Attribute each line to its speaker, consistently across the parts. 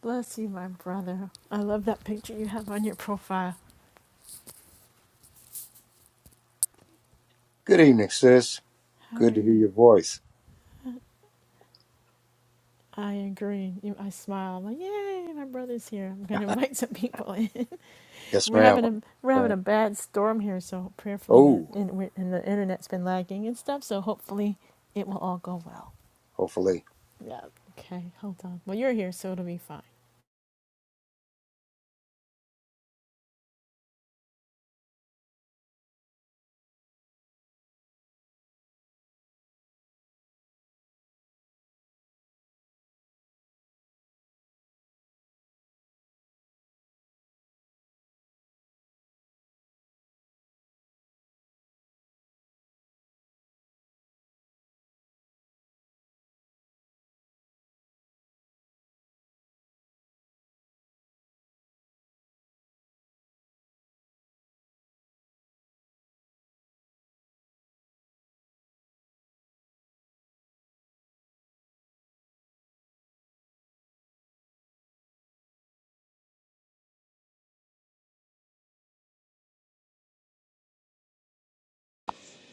Speaker 1: Bless you, my brother. I love that picture you have on your profile.
Speaker 2: Good evening, sis.
Speaker 1: How are
Speaker 2: Good to hear
Speaker 1: you?
Speaker 2: your voice.
Speaker 1: I agree. You, I smile. I'm like, yay, my brother's here. I'm gonna invite some people in.
Speaker 2: Yes,
Speaker 1: We're
Speaker 2: ma'am.
Speaker 1: having a we're having a bad storm here, so prayerfully the
Speaker 2: Oh,
Speaker 1: and, we and the internet's been lagging and stuff. So hopefully it will all go well.
Speaker 2: hopefully.
Speaker 1: Yeah. Okay. Hold on. Well, you're here, so it'll be fine.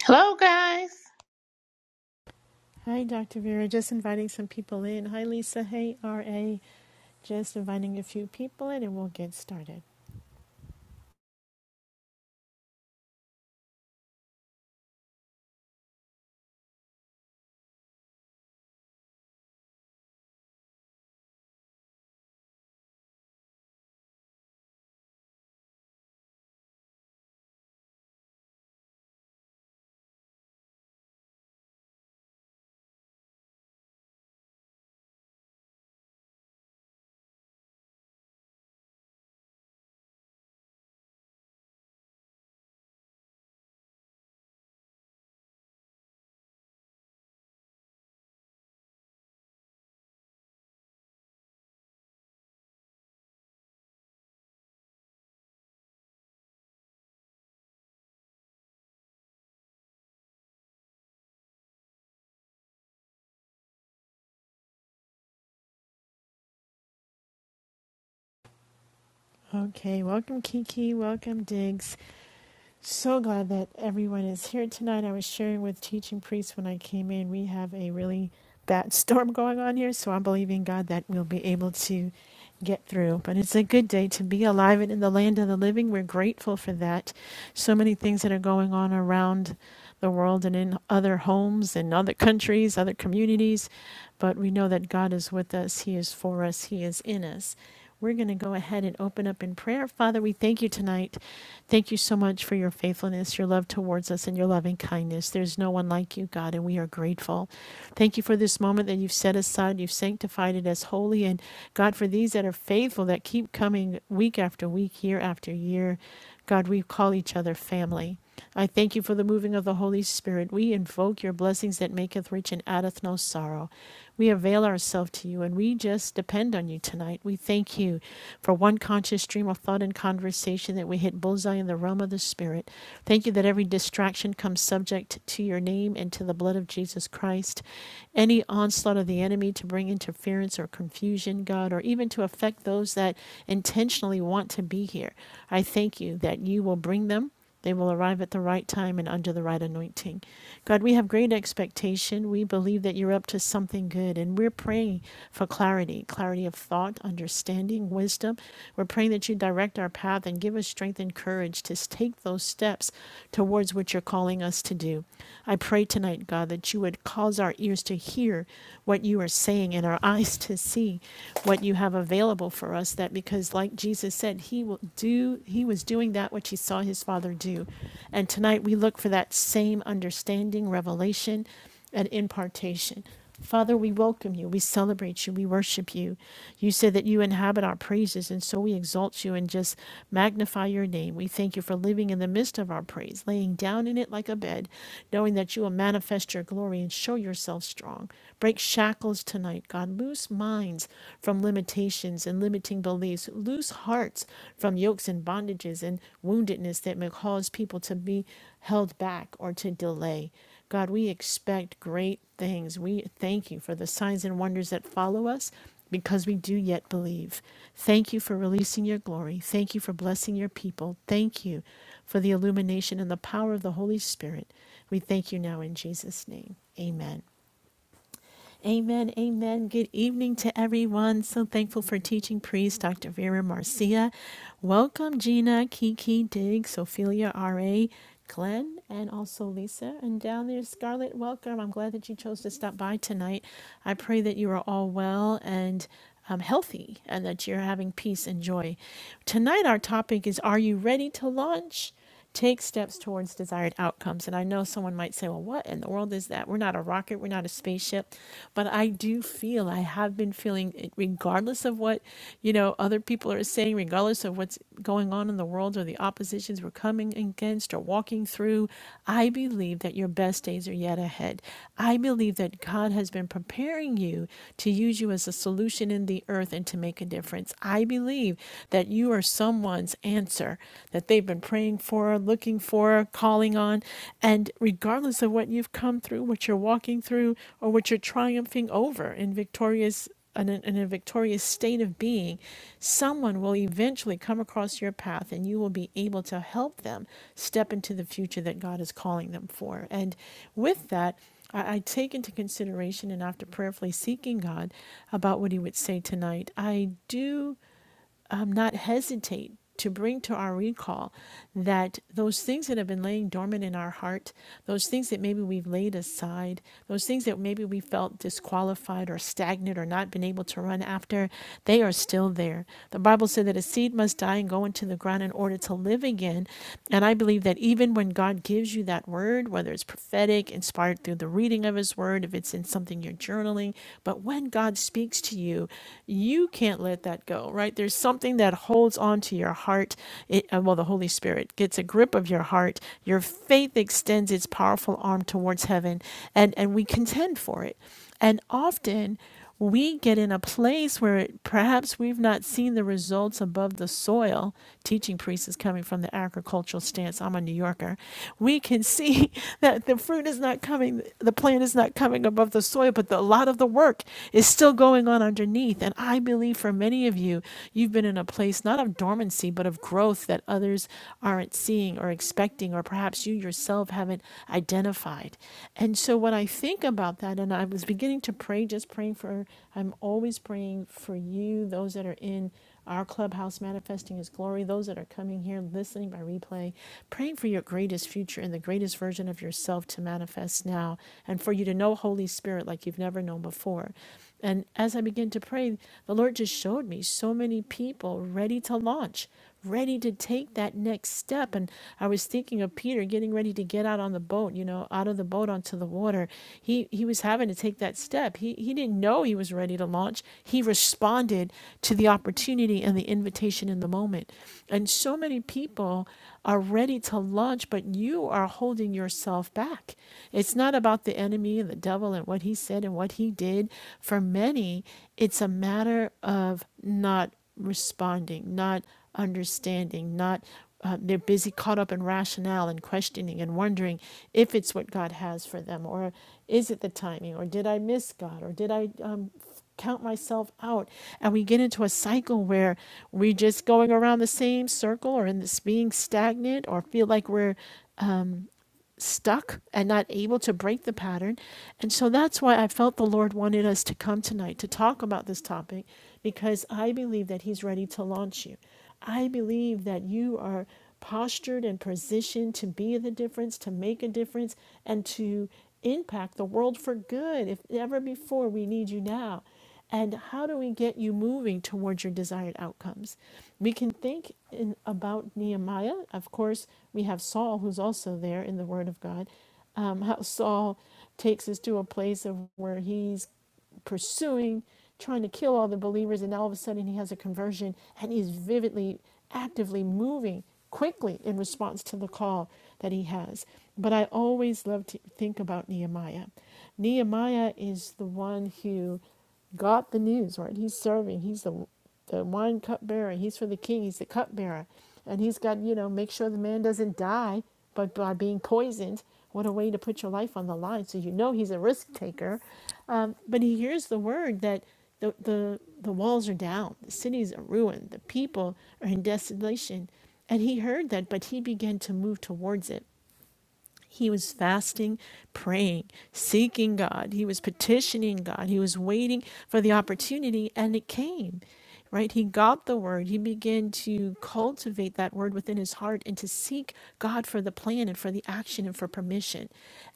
Speaker 3: Hello, guys.
Speaker 1: Hi, Dr. Vera. Just inviting some people in. Hi, Lisa. Hey, RA. Just inviting a few people in and we'll get started. Okay, welcome, Kiki. Welcome, Diggs. So glad that everyone is here tonight. I was sharing with teaching priests when I came in. We have a really bad storm going on here, so I'm believing God that we'll be able to get through. But it's a good day to be alive and in the land of the living. We're grateful for that. So many things that are going on around the world and in other homes and other countries, other communities. But we know that God is with us, He is for us, He is in us. We're going to go ahead and open up in prayer. Father, we thank you tonight. Thank you so much for your faithfulness, your love towards us, and your loving kindness. There's no one like you, God, and we are grateful. Thank you for this moment that you've set aside, you've sanctified it as holy. And God, for these that are faithful, that keep coming week after week, year after year, God, we call each other family. I thank you for the moving of the Holy Spirit. We invoke your blessings that maketh rich and addeth no sorrow. We avail ourselves to you and we just depend on you tonight. We thank you for one conscious stream of thought and conversation that we hit bullseye in the realm of the Spirit. Thank you that every distraction comes subject to your name and to the blood of Jesus Christ. Any onslaught of the enemy to bring interference or confusion, God, or even to affect those that intentionally want to be here, I thank you that you will bring them. They will arrive at the right time and under the right anointing. God, we have great expectation. We believe that you're up to something good, and we're praying for clarity clarity of thought, understanding, wisdom. We're praying that you direct our path and give us strength and courage to take those steps towards what you're calling us to do. I pray tonight, God, that you would cause our ears to hear what you are saying and our eyes to see what you have available for us. That because, like Jesus, Jesus said he will do he was doing that which he saw his father do. And tonight we look for that same understanding, revelation, and impartation. Father, we welcome you. We celebrate you. We worship you. You said that you inhabit our praises, and so we exalt you and just magnify your name. We thank you for living in the midst of our praise, laying down in it like a bed, knowing that you will manifest your glory and show yourself strong. Break shackles tonight, God. Loose minds minds from limitations and limiting beliefs, loose hearts from yokes and bondages and woundedness that may cause people to be held back or to delay. God, we expect great things. We thank you for the signs and wonders that follow us because we do yet believe. Thank you for releasing your glory. Thank you for blessing your people. Thank you for the illumination and the power of the Holy Spirit. We thank you now in Jesus' name. Amen. Amen. Amen. Good evening to everyone. So thankful for teaching priest Dr. Vera Marcia. Welcome, Gina, Kiki, Diggs, Ophelia, R.A., Glenn, and also Lisa. And down there, Scarlett, welcome. I'm glad that you chose to stop by tonight. I pray that you are all well and um, healthy and that you're having peace and joy. Tonight, our topic is Are you ready to launch? take steps towards desired outcomes. And I know someone might say, well, what in the world is that? We're not a rocket, we're not a spaceship. But I do feel, I have been feeling, it, regardless of what, you know, other people are saying, regardless of what's going on in the world or the oppositions we're coming against or walking through, I believe that your best days are yet ahead. I believe that God has been preparing you to use you as a solution in the earth and to make a difference. I believe that you are someone someone's answer that they've been praying for, looking for, calling on. And regardless of what you've come through, what you're walking through, or what you're triumphing over in victorious in a, in a victorious state of being, someone will eventually come across your path and you will be able to help them step into the future that God is calling them for. And with that, I, I take into consideration and after prayerfully seeking God about what He would say tonight, I do um, not hesitate to bring to our recall that those things that have been laying dormant in our heart, those things that maybe we've laid aside, those things that maybe we felt disqualified or stagnant or not been able to run after, they are still there. The Bible said that a seed must die and go into the ground in order to live again. And I believe that even when God gives you that word, whether it's prophetic, inspired through the reading of His word, if it's in something you're journaling, but when God speaks to you, you can't let that go, right? There's something that holds on to your heart. It, uh, well, the Holy Spirit gets a grip of your heart. Your faith extends its powerful arm towards heaven, and, and we contend for it. And often we get in a place where it, perhaps we've not seen the results above the soil. Teaching priest is coming from the agricultural stance. I'm a New Yorker. We can see that the fruit is not coming, the plant is not coming above the soil, but the, a lot of the work work is still going on underneath. And I believe for many of you, you've been in a place not of dormancy, but of growth that others aren't seeing or expecting, or perhaps you yourself haven't identified. And so when I think about that, and I was beginning to pray, just praying for, I'm always praying for you, those that are in our clubhouse manifesting his glory those that are coming here listening by replay praying for your greatest future and the greatest version of yourself to manifest now and for you to know know Holy Spirit like you've never known before. And as I began to pray, the Lord just showed me so many people ready to launch, ready to take that next step. And I was thinking of Peter getting ready to get out on the boat, you know, out of the boat onto the water. He he was having to take that step. He he didn't know he was ready to launch. He responded to the opportunity and the invitation in the moment. And so many people are ready to launch, but you are holding yourself back back. It's not about the enemy and the devil and what he said and what he did. For many, it's a matter of not responding, not understanding, not uh, they're busy caught up in rationale and questioning and wondering if it's what God has for them or is it the timing or did I miss God or did I um, count myself out? And we get into a cycle where we're just going around the same circle or in this being stagnant or feel like we're stuck and not able to break the pattern. And so that's why I felt the Lord wanted us to come tonight to talk about this topic because I believe that He's ready to launch you. I believe that you are postured and positioned to be the difference, to make a difference, and to impact the world for good. If ever before, we need you now and how do we get you moving towards your desired outcomes we can think in, about nehemiah of course we have saul who's also there in the word of god um, how saul takes us to a place of where he's pursuing trying to kill all the believers and all of a sudden he has a conversion and he's vividly actively moving quickly in response to the call that he has but i always love to think about nehemiah nehemiah is the one who got the news, right? He's serving. He's the the wine cupbearer. He's for the king. He's the cupbearer, and he's got you know make sure the man doesn't die, but by being poisoned. What a way to put your life on the line. So you know he's a risk taker, um, but he hears the word that the the the walls are down, the cities are ruined, the people are in desolation, and he heard that, but he began to move towards it. He was fasting, praying, seeking God. He was petitioning God. He was waiting for the opportunity, and it came. Right? He got the word. He began to cultivate that word within his heart and to seek God for the plan and for the action and for permission.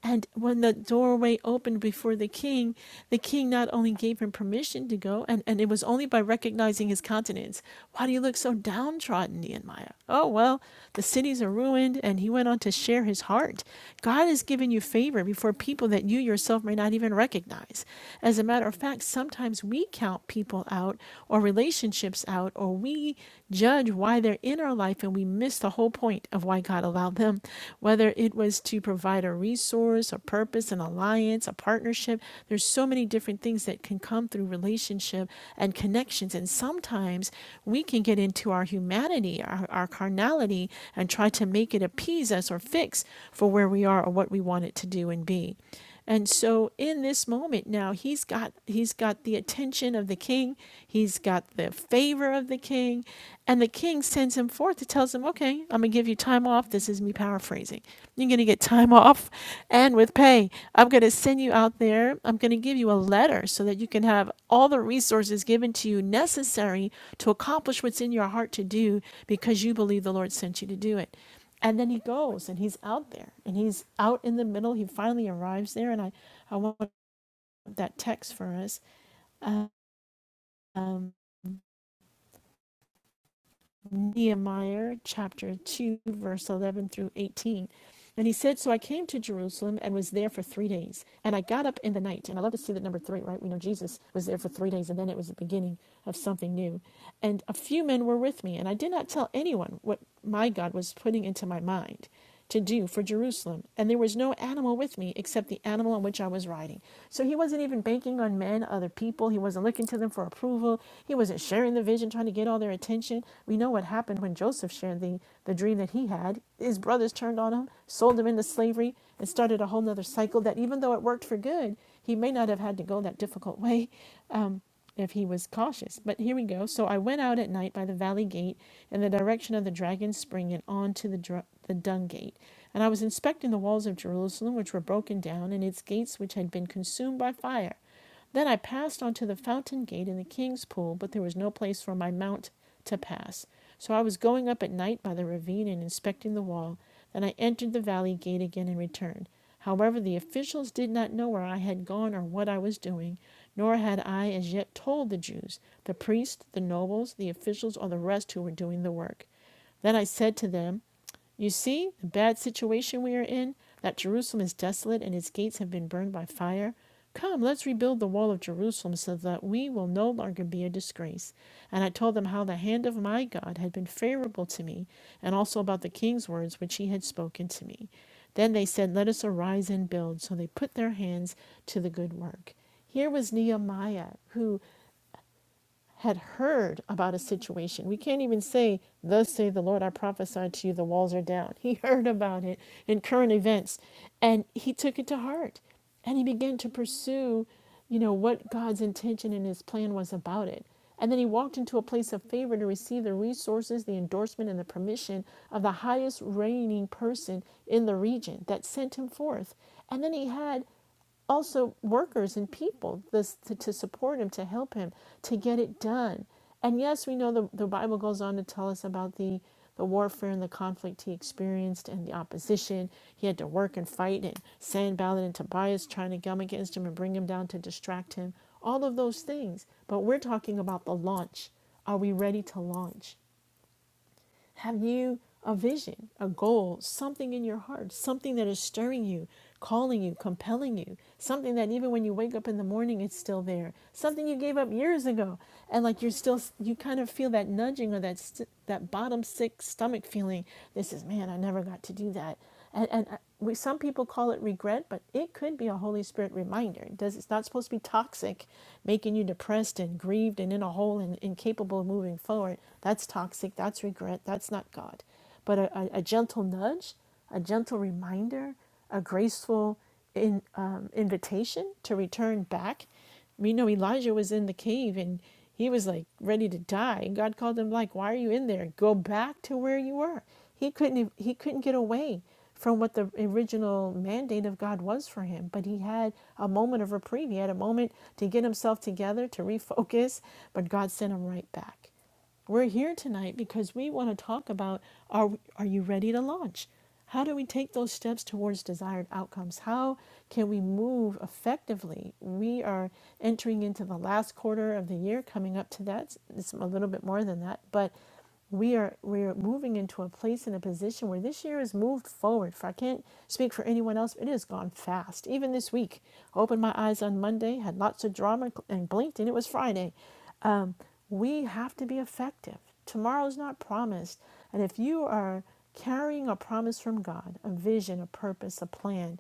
Speaker 1: And when the doorway opened before the king, the king not only gave him permission to go, and, and it was only by recognizing his countenance. Why do you look so downtrodden, Nehemiah? Oh, well, the cities are ruined. And he went on to share his heart. God has given you favor before people that you yourself may not even recognize. As a matter of fact, sometimes we count people out or relationships out, or we judge why they're in our life and we miss the whole point of why God allowed them, whether it was to provide a resource, a purpose purpose, an alliance, a partnership. There's so many different things that can come through relationship and connections. And sometimes we can get into our humanity, our, our carnality, and try to make it appease us or fix for where we are or what we want it to do and be. And so in this moment now he's got he's got the attention of the king, he's got the favor of the king, and the king sends him forth to tells him, "Okay, I'm going to give you time off. This is me paraphrasing. You're going to get time off and with pay. I'm going to send you out there. I'm going to give you a letter so that you can have all the resources given to you necessary to accomplish what's in your heart to do because you believe the Lord sent you to do it." and then he goes and he's out there and he's out in the middle he finally arrives there and i i want that text for us Um, Nehemiah chapter 2, verse 11 through 18. And he said, So I came to Jerusalem and was there for three days. And I got up in the night. And I love to see that number three, right? We know Jesus was there for three days, and then it was the beginning of something new. And a few men were with me, and I did not tell anyone what my God was putting into my mind to do for Jerusalem. And there was no animal with me except the animal on which I was riding. So he wasn't even banking on men, other people. He wasn't looking to them for approval. He wasn't sharing the vision vision, trying to get all their attention. We know what happened when Joseph shared the, the dream that he had. His brothers turned on him, sold him into slavery, and started a whole nother cycle that even though it worked for good, he may not have had to go that difficult way um, if he was cautious. But here we go. So I went out at night by the valley gate in the direction of the dragon's spring and on to the, dr- the dung gate. And I was inspecting the walls of Jerusalem, which were broken down, and its gates, which had been consumed by fire. Then I passed on to the fountain gate in the king's pool, but there was no place for my mount to pass. So I was going up at night by the ravine and inspecting the wall. Then I entered the valley gate again and returned. However, the officials did not know where I had gone or what I was doing, nor had I as yet told the Jews, the priests, the nobles, the officials, or the rest who were doing the work. Then I said to them, you see the bad situation we are in, that Jerusalem is desolate and its gates have been burned by fire. Come, let's rebuild the wall of Jerusalem so that we will no longer be a disgrace. And I told them how the hand of my God had been favorable to me, and also about the king's words which he had spoken to me. Then they said, Let us arise and build. So they put their hands to the good work. Here was Nehemiah, who had heard about a situation. We can't even say, Thus say the Lord, I prophesied to you, the walls are down. He heard about it in current events and he took it to heart and he began to pursue, you know, what God's intention and his plan was about it. And then he walked into a place of favor to receive the resources, the endorsement, and the permission of the highest reigning person in the region that sent him forth. And then he had also workers and people this, to, to support him, to help him, to get it done. And yes, we know the, the Bible goes on to tell us about the, the warfare and the conflict he experienced and the opposition. He had to work and fight and Sanballat and Tobias trying to come against him and bring him down to distract him. All of those things. But we're talking about the launch. Are we ready to launch? Have you a vision, a goal, something in your heart, something that is stirring you, calling you, compelling you, something that even when you wake up in the morning, it's still there, something you gave up years ago, and like you're still, you kind of feel that nudging or that st- that bottom sick stomach feeling. This is man, I never got to do that and and uh, we some people call it regret, but it could be a Holy Spirit reminder. It does it's not supposed to be toxic, making you depressed and grieved and in a hole and incapable of moving forward. That's toxic. That's regret. That's not God. But a, a, a gentle nudge, a gentle reminder, a graceful in, um, invitation to return back you know Elijah was in the cave and he was like ready to die. And God called him like, "Why are you in there? Go back to where you were." He couldn't he couldn't get away from what the original mandate of God was for him, but he had a moment of reprieve. He had a moment to get himself together, to refocus, but God sent him right back. We're here tonight because we want to talk about are are you ready to launch? How do we take those steps towards desired outcomes? How can we move effectively? We are entering into the last quarter of the year, coming up to that. It's a little bit more than that, but we are we're moving into a place and a position where this year has moved forward. For I can't speak for anyone else, but it has gone fast. Even this week, I opened my eyes on Monday, had lots of drama, and blinked, and it was Friday. Um, we have to be effective. Tomorrow's not promised, and if you are carrying a promise from God, a vision, a purpose, a plan.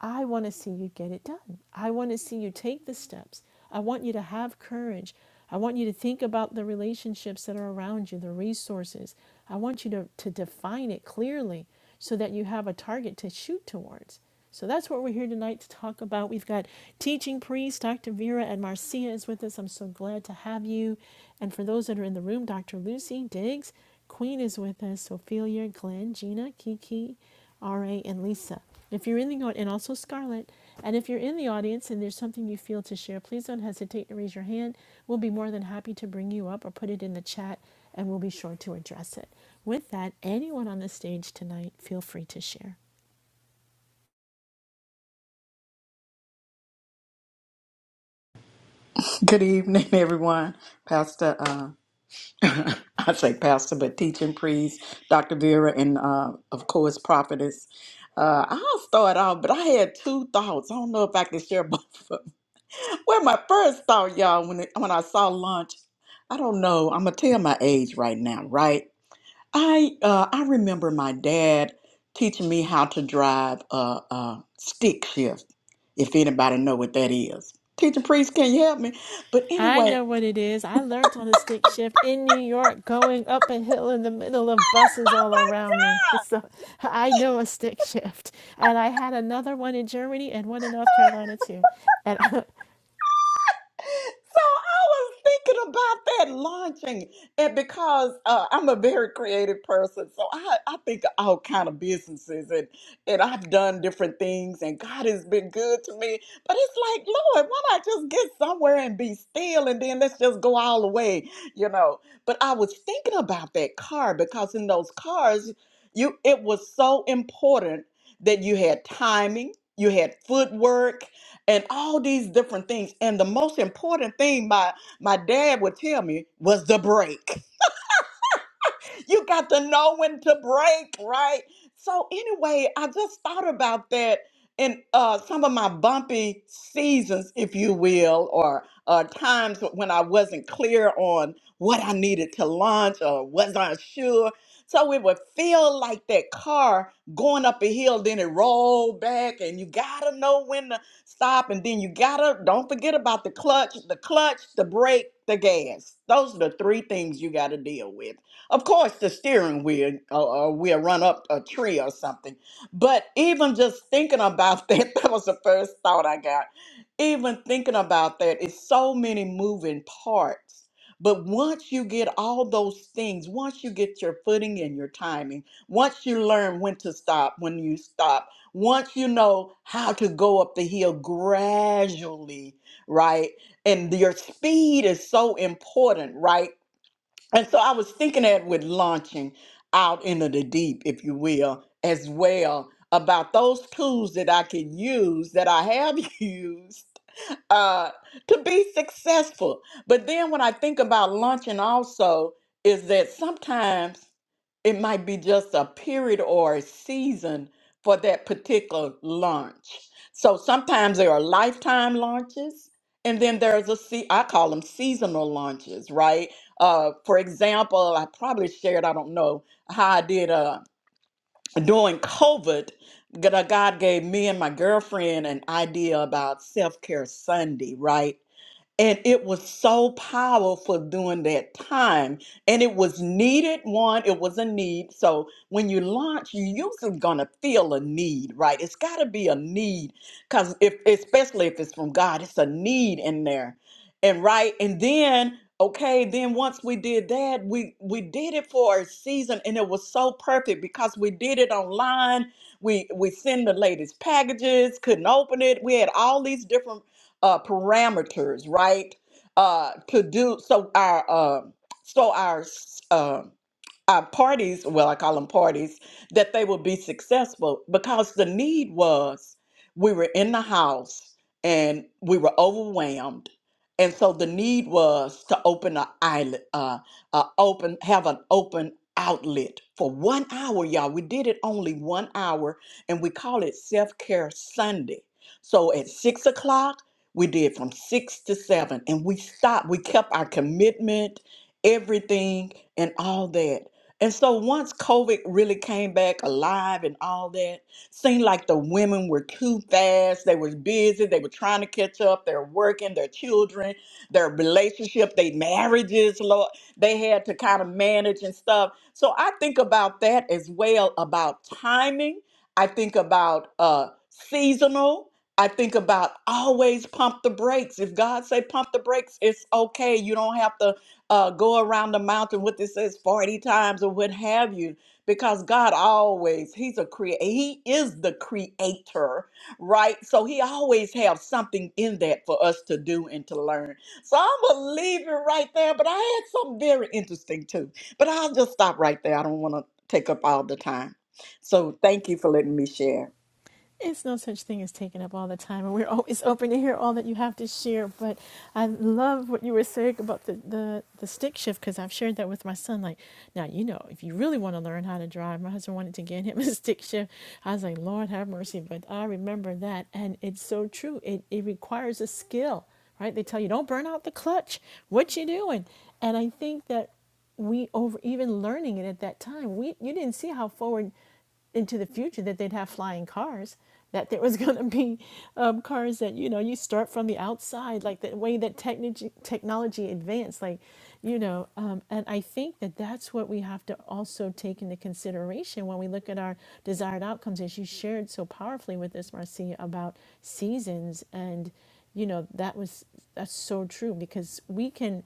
Speaker 1: I want to see you get it done. I want to see you take the steps. I want you to have courage. I want you to think about the relationships that are around you, the resources. I want you to, to define it clearly so that you have a target to shoot towards. So that's what we're here tonight to talk about. We've got teaching priest Dr. Vera and Marcia is with us. I'm so glad to have you. And for those that are in the room, Dr. Lucy Diggs, Queen is with us, Ophelia, Glenn, Gina, Kiki. RA, and Lisa. If you're in the audience, and also Scarlett, and if you're in the audience and there's something you feel to share, please don't hesitate to raise your hand. We'll be more than happy to bring you up or put it in the chat, and we'll be sure to address it. With that, anyone on the stage tonight, feel free to share.
Speaker 4: Good evening, everyone. Pastor, uh, I say pastor, but teaching priest, Dr. Vera, and uh, of course, prophetess. Uh, I'll start off, but I had two thoughts. I don't know if I can share both of them. Well, my first thought, y'all, when, it, when I saw lunch, I don't know. I'm going to tell my age right now, right? I, uh, I remember my dad teaching me how to drive a, a stick shift, if anybody know what that is. Teaching priest, can you help me? But
Speaker 1: I
Speaker 4: anyway.
Speaker 1: know what it is. I learned on a stick shift in New York, going up a hill in the middle of buses all around me. So I know a stick shift. And I had another one in Germany and one in North Carolina too. And I,
Speaker 4: So I was thinking about that launching, and because uh, I'm a very creative person, so I, I think of all kind of businesses, and and I've done different things, and God has been good to me. But it's like, Lord, why not just get somewhere and be still, and then let's just go all the way, you know? But I was thinking about that car because in those cars, you it was so important that you had timing, you had footwork, and all these different things. And the most important thing my my dad would tell me was the break you got to know when to break, right? So anyway, I just thought about that in uh, some of my bumpy seasons, if you will, or uh, times when I wasn't clear on what I needed to launch or wasn't sure. So it would feel like that car going up a hill, then it rolled back, and you gotta know when to stop, and then you gotta don't forget about the clutch, the clutch, the brake, the gas. Those are the three things you gotta deal with. Of course, the steering wheel uh, uh, will run up a tree or something. But even just thinking about that, that was the first thought I got. Even thinking about that, it's so many moving parts. But once you get all those things, once you get your footing and your timing, once you learn when to stop, when you stop, once you know how to go up the hill gradually, right? And your speed is so important, right? And so I was thinking that with launching out into the deep, if you will, as well, about those tools that I can use that I have used uh, to be successful. But then when I think about luncheon, also, is that sometimes it might be just a period or a season for that particular launch. So sometimes there are lifetime launches, and then there's a se- I call them seasonal launches, right? Uh, for example, I probably shared I don't know how I did. uh, during COVID, God God gave me and my girlfriend an idea about self care Sunday, right? And it was so powerful during that time. And it was needed. One, it was a need. So when you launch, you usually gonna feel a need, right? It's gotta be a need. Cause if especially if it's from God, it's a need in there. And right, and then okay, then once we did that, we we did it for a season and it was so perfect because we did it online. We we send the latest packages, couldn't open it. We had all these different uh, parameters, right? Uh, to do so our uh, so our um uh, parties, well, I call them parties, that they would be successful because the need was we were in the house and we were overwhelmed. And so the need was to open an island, uh, uh, open, have an open outlet for one hour, y'all. We did it only one hour and we call it Self Care Sunday. So at six o'clock, we did from six to seven and we stopped. We kept our commitment, everything, and all that. And so once COVID really came back alive and all that, seemed like the women were too fast. They were busy. They were trying to catch up. They're working, their children, their relationship, their marriages, Lord. They had to kind of manage and stuff. So I think about that as well about timing. I think about uh seasonal. I think about always pump the brakes. If God say pump the brakes, it's okay. You don't have to uh, go around the mountain what this says 40 times or what have you because god always he's a creator he is the creator right so he always have something in that for us to do and to learn so i'm gonna leave it right there but i had something very interesting too but i'll just stop right there i don't want to take up all the time so thank you for letting me share
Speaker 1: It's no such thing as taking up all the time, and we're always open to hear all that you have to share. But I love what you were saying about the, the, the stick shift because I've shared that with my son. Like, now, you know, if you really want to learn how to drive, my husband wanted to get him a stick shift. I was like, Lord have mercy. But I remember that, and it's so true. It, it requires a skill, right? They tell you, don't burn out the clutch. What you doing? And I think that we over even learning it at that time we you didn't see how forward into the future that they'd have flying cars that there was going to be um, cars that you know you start from the outside like the way that technology technology advanced like you know um, and i think that that's what we have to also take into consideration when we look at our desired outcomes as you shared so powerfully with us marcia about seasons and you know that was that's so true because we can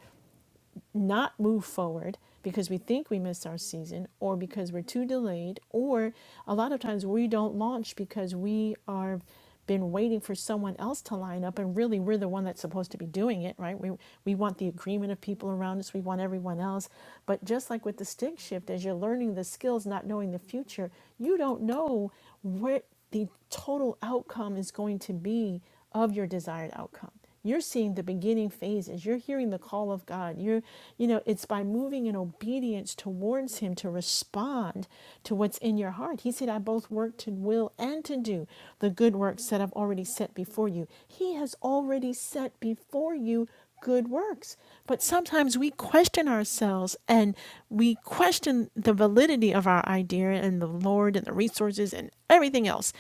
Speaker 1: not move forward because we think we missed our season or because we're too delayed or a lot of times we don't launch because we are been waiting for someone else to line up and really we're the one that's supposed to be doing it right we we want the agreement of people around us we want everyone else but just like with the stick shift as you're learning the skills not knowing the future you don't know what the total outcome is going to be of your desired outcome you're seeing the beginning phases you're hearing the call of god you're you know it's by moving in obedience towards him to respond to what's in your heart he said i both work to will and to do the good works that i've already set before you he has already set before you good works. But sometimes we question ourselves and we question the validity of our idea and the Lord and the resources and everything else.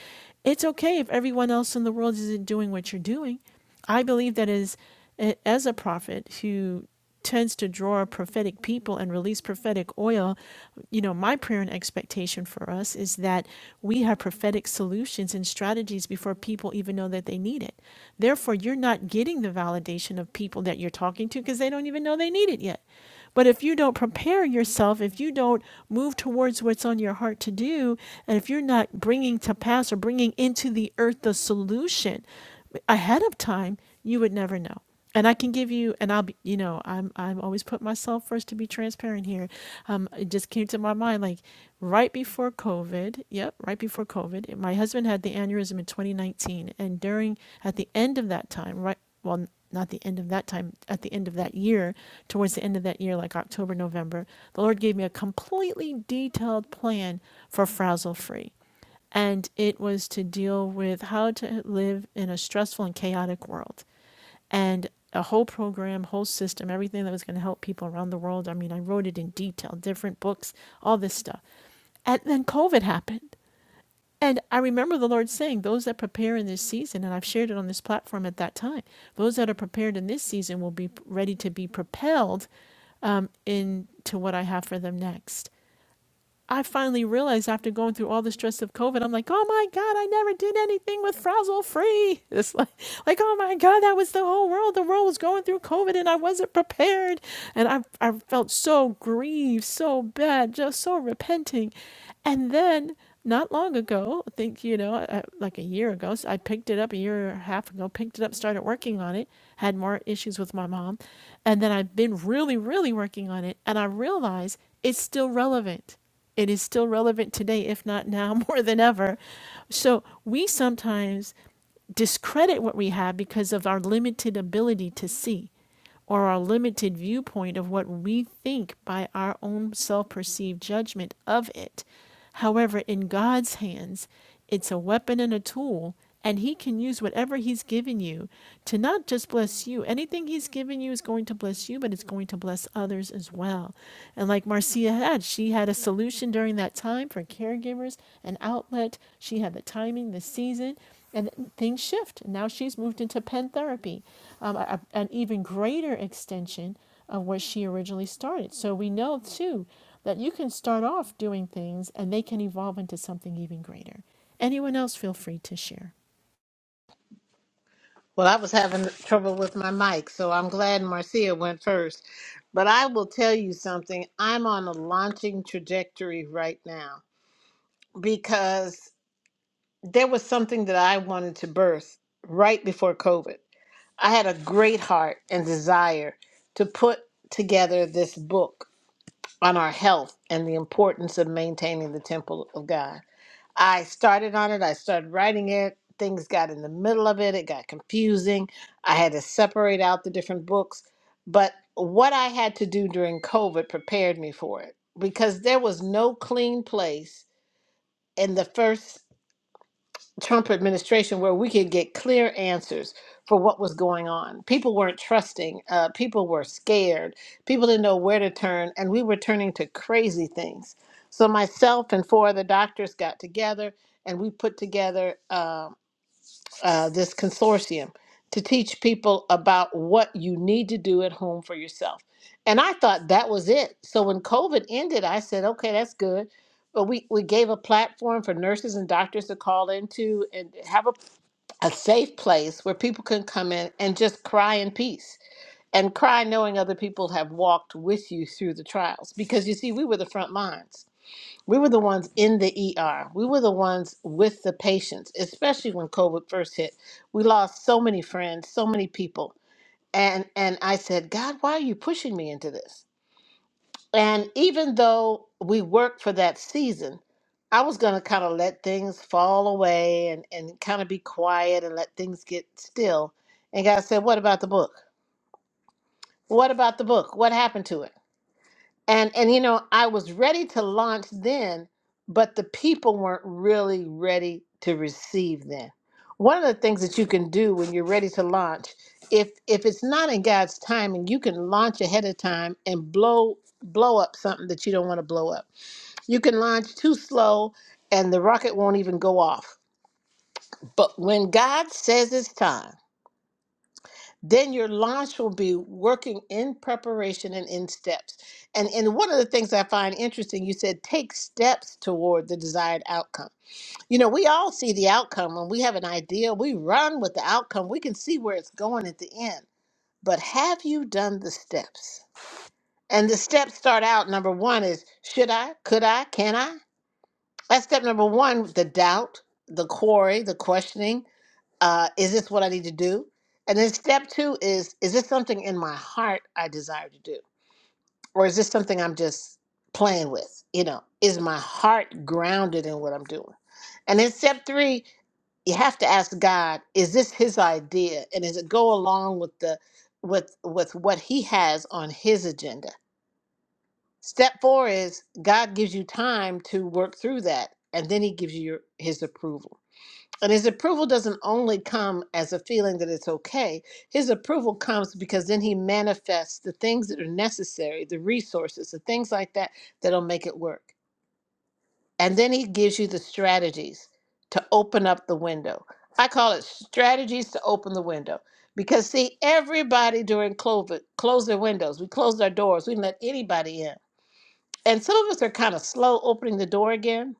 Speaker 1: It's okay if everyone else in the world isn't doing what you're doing. I believe that is as a prophet who tends to draw prophetic people and release prophetic oil, you know, my prayer and expectation for us is that we have prophetic solutions and strategies before people even know that they need it. Therefore, you're not getting the validation of people that you're talking to because they don't even know they need it yet. But if you don't prepare yourself, if you don't move towards what's on your heart to do, and if you're not bringing to pass or bringing into the earth the solution ahead of time, you would never know. And I can give you, and I'll be, you know, I'm, I'm always put myself first to be transparent here. Um, it just came to my mind, like right before COVID. Yep, right before COVID, my husband had the aneurysm in 2019, and during at the end of that time, right, well, not the end of that time, at the end of that year, towards the end of that year, like October, November, the Lord gave me a completely detailed plan for frazzle free and it was to deal with how to live in a stressful and chaotic world and a whole program whole system everything that was going to help people around the world i mean i wrote it in detail different books all this stuff and then covid happened and i remember the lord saying those that prepare in this season and i've shared it on this platform at that time those that are prepared in this season will be ready to be propelled um, into what i have for them next I finally realized after going through all the stress of COVID, I'm like, oh my God, I never did anything with Frazzle Free. It's like, like, oh my God, that was the whole world. The world was going through COVID and I wasn't prepared. And I, I felt so grieved, so bad, just so repenting. And then not long ago, I think, you know, I, like a year ago, so I picked it up a year and a half ago, picked it up, started working on it, had more issues with my mom. And then I've been really, really working on it. And I realized it's still relevant it is still relevant today, if not now more than ever. So we sometimes discredit what we have because of our limited ability to see or our limited viewpoint of what we think by our own self perceived judgment of it. However, in God's hands, it's a weapon and a tool, and He can use whatever He's given you to not just bless you. Anything He's given you is going to bless you, but it's going to bless others as well. And like Marcia had, she had a solution during that time for caregivers, an outlet. She had the timing, the season. And things shift. Now she's moved into pen therapy, um, a- an even greater extension of where she originally started. So we know too that you can start off doing things and they can evolve into something even greater. Anyone else feel free to share.
Speaker 3: Well, I was having trouble with my mic, so I'm glad Marcia went first. But I will tell you something I'm on a launching trajectory right now because there was something that I wanted to birth right before COVID. I had a great heart and desire to put together this book on our health and the importance of maintaining the temple of God. I started on it. I started writing it. Things got in the middle of it. It got confusing. I had to separate out the different books. But what I had to do during COVID prepared me for it because there was no clean place in the first Trump administration where we could get clear answers for what was going on. People weren't trusting, uh, people were scared, people didn't know where to turn, and we were turning to crazy things. So, myself and four other doctors got together and we put together. Um, uh, this consortium to teach people about what you need to do at home for yourself. And I thought that was it. So when COVID ended, I said, okay, that's good. But we, we gave a platform for nurses and doctors to call into and have a, a safe place where people can come in and just cry in peace and cry knowing other people have walked with you through the trials. Because you see, we were the front lines we were the ones in the ER. We were the ones with the patients, especially when COVID first hit. We lost so many friends, so many people. And and I said, "God, why are you pushing me into this?" And even though we worked for that season, I was going to kind of let things fall away and and kind of be quiet and let things get still. And God said, "What about the book? What about the book? What happened to it?" and and you know i was ready to launch then but the people weren't really ready to receive then one of the things that you can do when you're ready to launch if if it's not in god's timing you can launch ahead of time and blow blow up something that you don't want to blow up you can launch too slow and the rocket won't even go off but when god says it's time then your launch will be working in preparation and in steps. And and one of the things I find interesting, you said take steps toward the desired outcome. You know, we all see the outcome when we have an idea, we run with the outcome. We can see where it's going at the end. But have you done the steps? And the steps start out number 1 is should I? Could I? Can I? That's step number 1, the doubt, the quarry, the questioning uh, is this what I need to do? And then step two is, is this something in my heart I desire to do? Or is this something I'm just playing with? You know, is my heart grounded in what I'm doing? And then step three, you have to ask God, is this his idea? And does it go along with the with with what he has on his agenda? Step four is God gives you time to work through that and then he gives you your, his approval. And his approval doesn't only come as a feeling that it's okay. His approval comes because then he manifests the things that are necessary, the resources, the things like that that'll make it work. And then he gives you the strategies to open up the window. I call it strategies to open the window. Because see, everybody during COVID closed their windows. We closed our doors. We didn't let anybody in. And some of us are kind of slow opening the door again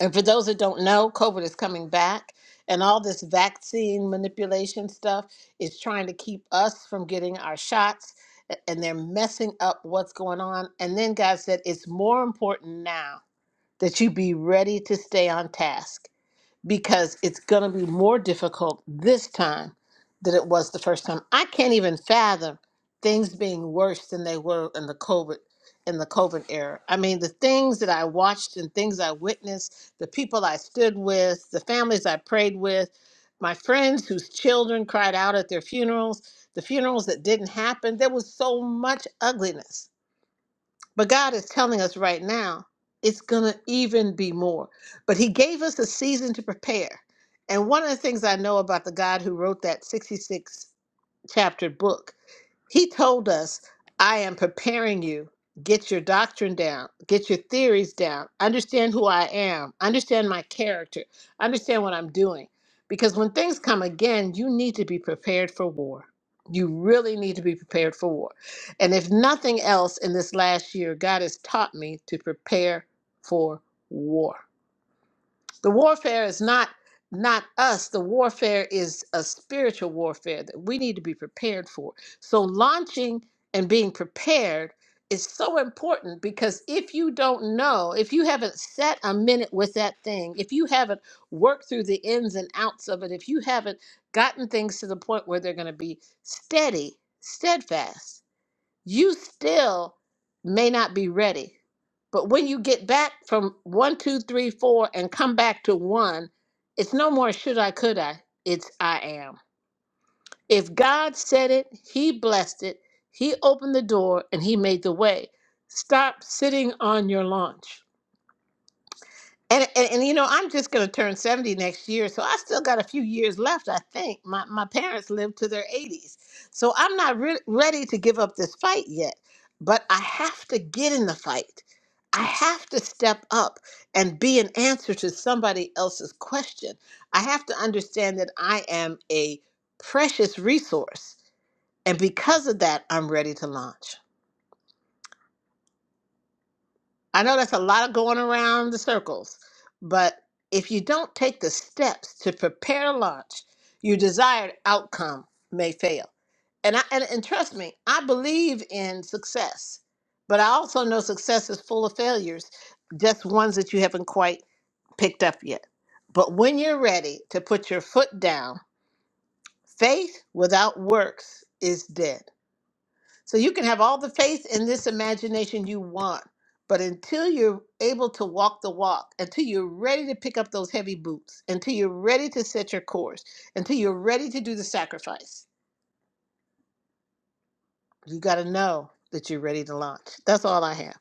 Speaker 3: and for those that don't know, COVID is coming back, and all this vaccine manipulation stuff is trying to keep us from getting our shots, a- and they're messing up what's going on. And then God said, It's more important now that you be ready to stay on task because it's going to be more difficult this time than it was the first time. I can't even fathom things being worse than they were in the COVID in the COVID era. I mean, the things that I watched and things I witnessed, the people I stood with, the families I prayed with, my friends whose children cried out at their funerals, the funerals that didn't happen, there was so much ugliness but God is telling us right now, it's going to even be more. But He gave us a season to prepare. And one of the things I know about the God who wrote that 66 chapter book he told us, I am preparing you. Get your doctrine down, get your theories down, understand who I am, understand my character, understand what I'm doing. Because when things come again, you need to be prepared for war. You really need to be prepared for war. And if nothing else in this last year, God has taught me to prepare for war. The warfare is not not us. The warfare is a spiritual warfare that we need to be prepared for. So launching and being prepared is so important because if you don't know, if you haven't set a minute with that thing, if you haven't worked through the ins and outs of it, if you haven't gotten things to the point where they're going to be steady, steadfast, you still may not be ready. But when you get back from one, two, three, four, and come back to one, it's no more should I, could I. It's I am. If God said it, He blessed it, He opened the door, and He made the way. Stop sitting on your launch. And, and, and you know, I'm just going to turn 70 next year, so I still got a few years left, I think. My, my parents lived to their 80s. So I'm not re- ready to give up this fight yet, but I have to get in the fight. I have to step up and be an answer to somebody else's question. I have to understand that I am a precious resource. And because of that, I'm ready to launch. I know that's a lot of going around the circles, but if you don't take the steps to prepare launch, your desired outcome may fail. And I and, and trust me, I believe in success, but I also know success is full of failures, just ones that you haven't quite picked up yet. But when you're ready to put your foot down, faith without works is dead. So you can have all the faith in this imagination you want, but until you're able to walk the walk, until you're ready to pick up those heavy boots, until you're ready to set your course, until you're ready to do the sacrifice, you got to know that you're ready to launch. That's all I have.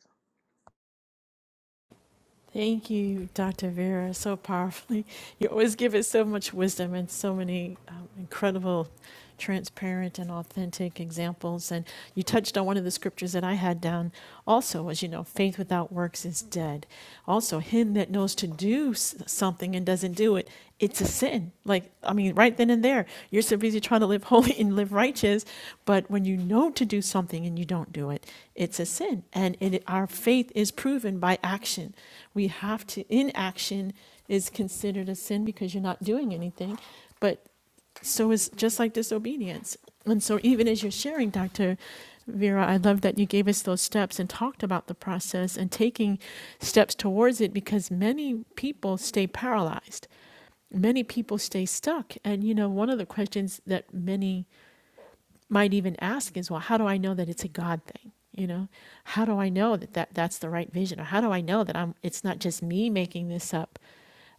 Speaker 1: Thank you, Dr. Vera, so powerfully. You always give us so much wisdom and so many um, incredible, transparent, and authentic examples. And you touched on one of the scriptures that I had down also as you know, faith without works is dead. Also, him that knows to do s- something. something and doesn't do it, it's a sin. Like, I mean, right then and there, you're so busy trying to live holy and live righteous. But when you know to do something and you don't do it, it's a sin. And it, our faith is proven by action. We have to, inaction is considered a sin because you're not doing anything. But so it's just like disobedience. And so, even as you're sharing, Dr. Vera, I love that you gave us those steps and talked about the process and taking steps towards it because many people stay paralyzed. Many people stay stuck. And, you know, one of the questions that many might even ask is, well, how do I know that it's a God thing? You know, how do I know that, that that's the right vision? Or how do I know that I'm, it's not just me making this up?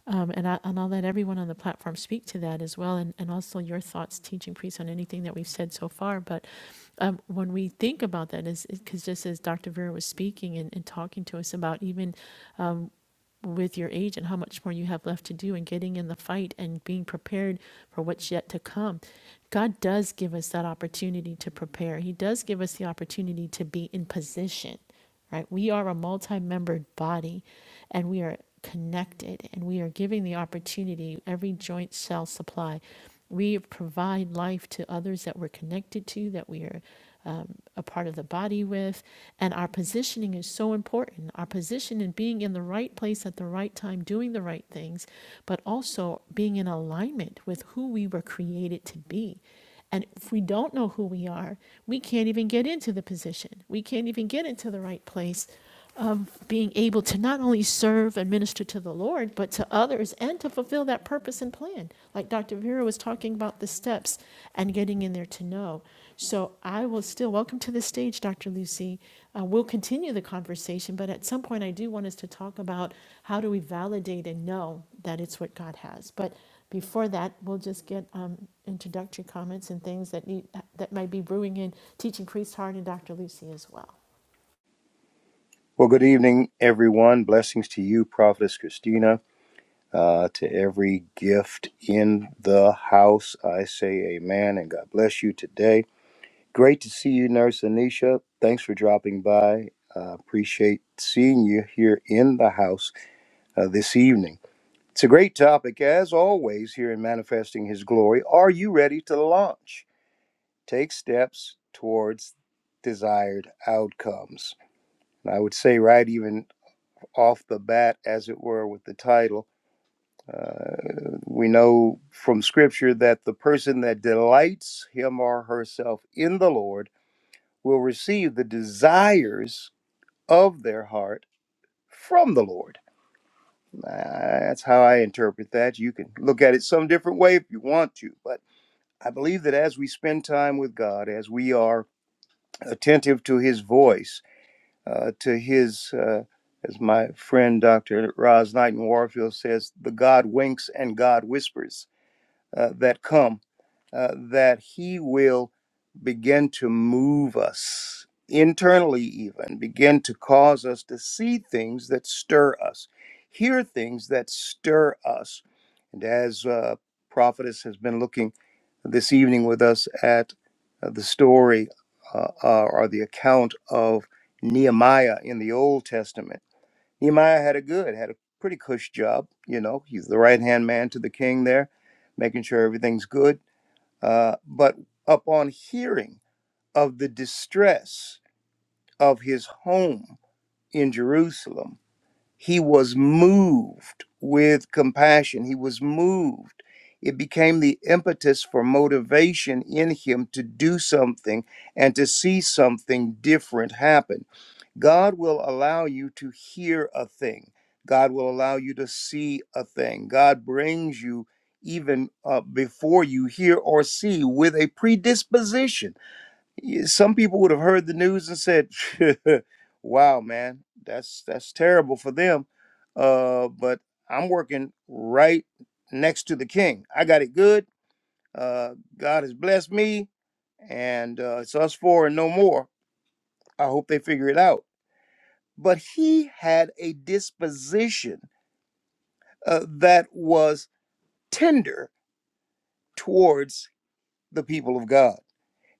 Speaker 1: Um, and, I, and I'll let everyone on the platform speak to that as well, and, and also your thoughts, teaching priests, on anything that we've said so far. But um, when we think about that, is because just as Dr. Vera was speaking and, and talking to us about even with your age and how much more you have left to do and getting in the fight and being prepared for what's yet to come. God does give us that opportunity to prepare. He does give us the opportunity to be in position, right? We are a multi-membered body and we are connected and we are giving the opportunity every joint shall supply. We provide life to others that we're connected to, that we are um, a part of the body with. And our positioning is so important. Our position in being in the right place at the right time, doing the right things, but also being in alignment with who we were created to be. And if we don't know who we are, we can't even get into the position. We can't even get into the right place Um, being able to not only serve and minister to the Lord, but to others and to fulfill that purpose and plan. Like Dr. Vera was talking about the steps and getting in there to know. So I will still welcome to the stage, Dr. Lucy. Uh, we'll continue the conversation, but at some point I do want us to talk about how do we validate and know that it's what God has. But before that, we'll just get um, introductory comments and things that need that might be brewing in teaching priest Hart and Dr. Lucy as well.
Speaker 2: Well, good evening, everyone. Blessings to you, Prophetess Christina, uh, to every gift in the house. I say amen and God bless you today. Great to see you, Nurse Anisha. Thanks for dropping by. Uh, appreciate seeing you here in the house uh, this evening. It's a great topic, as always, here in Manifesting His Glory. Are you ready to launch? take steps towards desired outcomes. And I would say, right even off the bat, as it were, with the title, uh, we know from Scripture that the person that delights him or herself in the Lord will receive the desires of their heart from the Lord. Uh, That's how I interpret that. You can look at it some different way if you want to, but I believe that as we spend time with God, as we are attentive to His voice, uh, to his, uh, as my friend Dr. Roz Knighton Warfield says, the God winks and God whispers uh, that come, uh, that He will begin to move us internally, even begin to cause us to see things that stir us, hear things that stir us. And as uh, Prophetess has been looking this evening with us at uh, the story uh, uh, or the account of Nehemiah in the Old Testament Nehemiah had a good, had a pretty cush job. You know, he's the right hand man to the king there, making sure everything's good. Uh, but upon hearing of the distress of his home in Jerusalem, he was moved with compassion. He was moved. It became the impetus for motivation in him to do something and to see something different happen. God will allow you to hear a thing. God will allow you to see a thing. God brings you even uh, before you hear or see with a predisposition. Y- Some people would have heard the news and said, "Wow, man, that's that's terrible for them." Uh, but I'm working right next to the King. I got it good. Uh, God has blessed me, and uh, it's us four and no more. I hope they figure it out but he had a disposition uh, that was tender towards the people of God.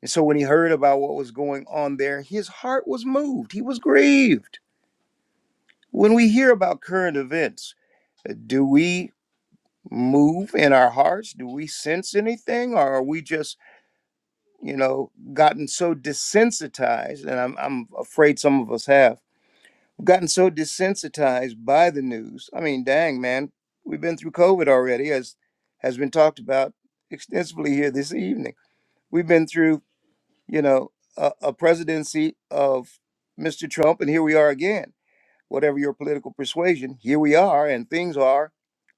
Speaker 2: And so when he heard about what was going on there, his heart was moved. He was grieved. When we hear about current events, uh, do we move in our hearts? Do we sense anything? Or are we just, you know, gotten so desensitized? And I'm, I'm afraid some of us have We've gotten so desensitized by the news. I mean, dang man, we've been through COVID already, as has been talked about extensively here this evening. We've been through, you know, a, a presidency of Mr. Trump, and here we are again. Whatever your political persuasion, here we are, and things are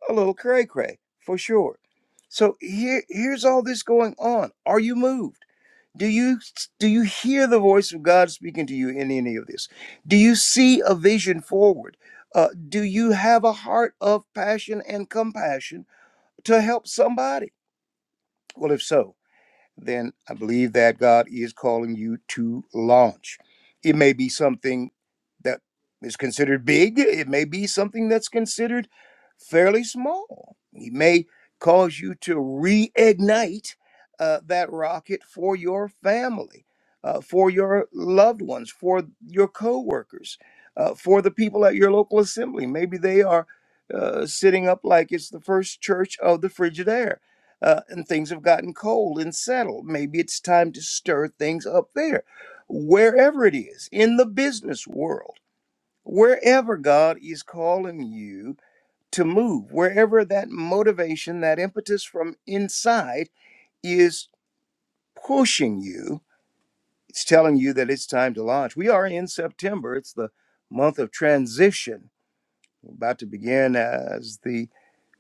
Speaker 2: a little cray cray for sure. So here, here's all this going on. Are you moved? Do you do you hear the voice of God speaking to you in any of this? Do you see a vision forward? Uh, do you have a heart of passion and compassion to help somebody? Well, if so, then I believe that God is calling you to launch. It may be something that is considered big, it may be something that's considered fairly small. He may cause you to reignite uh, that rocket for your family, uh, for your loved ones, for your coworkers, uh, for the people at your local assembly. Maybe they are uh, sitting up like it's the first church of the Frigidaire uh, and things have gotten cold and settled. Maybe it's time to stir things up there, wherever it is, in the business world, wherever God is calling you to move, wherever that motivation, that impetus from inside is pushing you, it's telling you that it's time to launch. We are in September, it's the month of transition. We're about to begin as the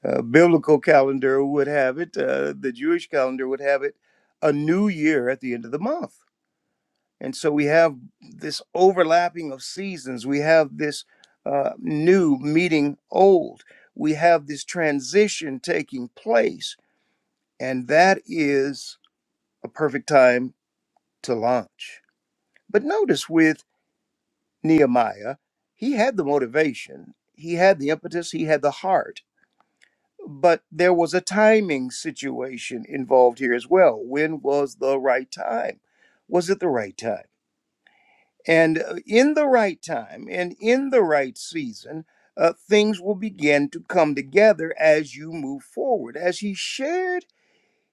Speaker 2: uh, biblical calendar would have it, uh, the Jewish calendar would have it, a new year at the end of the month. And so we have this overlapping of seasons. We have this uh, new meeting old. We have this transition taking place. And that is a perfect time to launch. But notice with Nehemiah, he had the motivation, he had the impetus, he had the heart but there was a timing situation involved here as well. When was the right time? Was it the right time? And uh, in the right time and in the right season, uh, things will begin to come together as you move forward. As he shared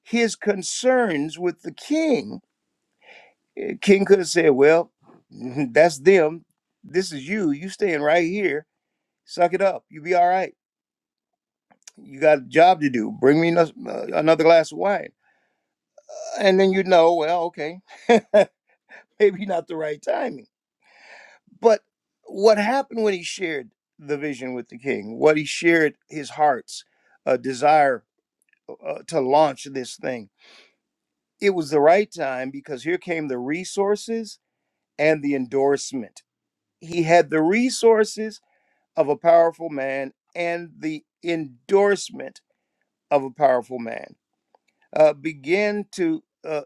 Speaker 2: his concerns with the king, eh, king could have said, Well, that's them. This is you. You staying right here. Suck it up. You'll be all right. You got a job to do. Bring me ano- uh, another glass of wine and then you know, well, okay, maybe not the right timing. But what happened when he shared the vision with the king? What he shared his heart's uh, desire uh, uh, to launch this thing. It was the right time because here came the resources and the endorsement. He had the resources of a powerful man and the endorsement of a powerful man. uh, begin to uh,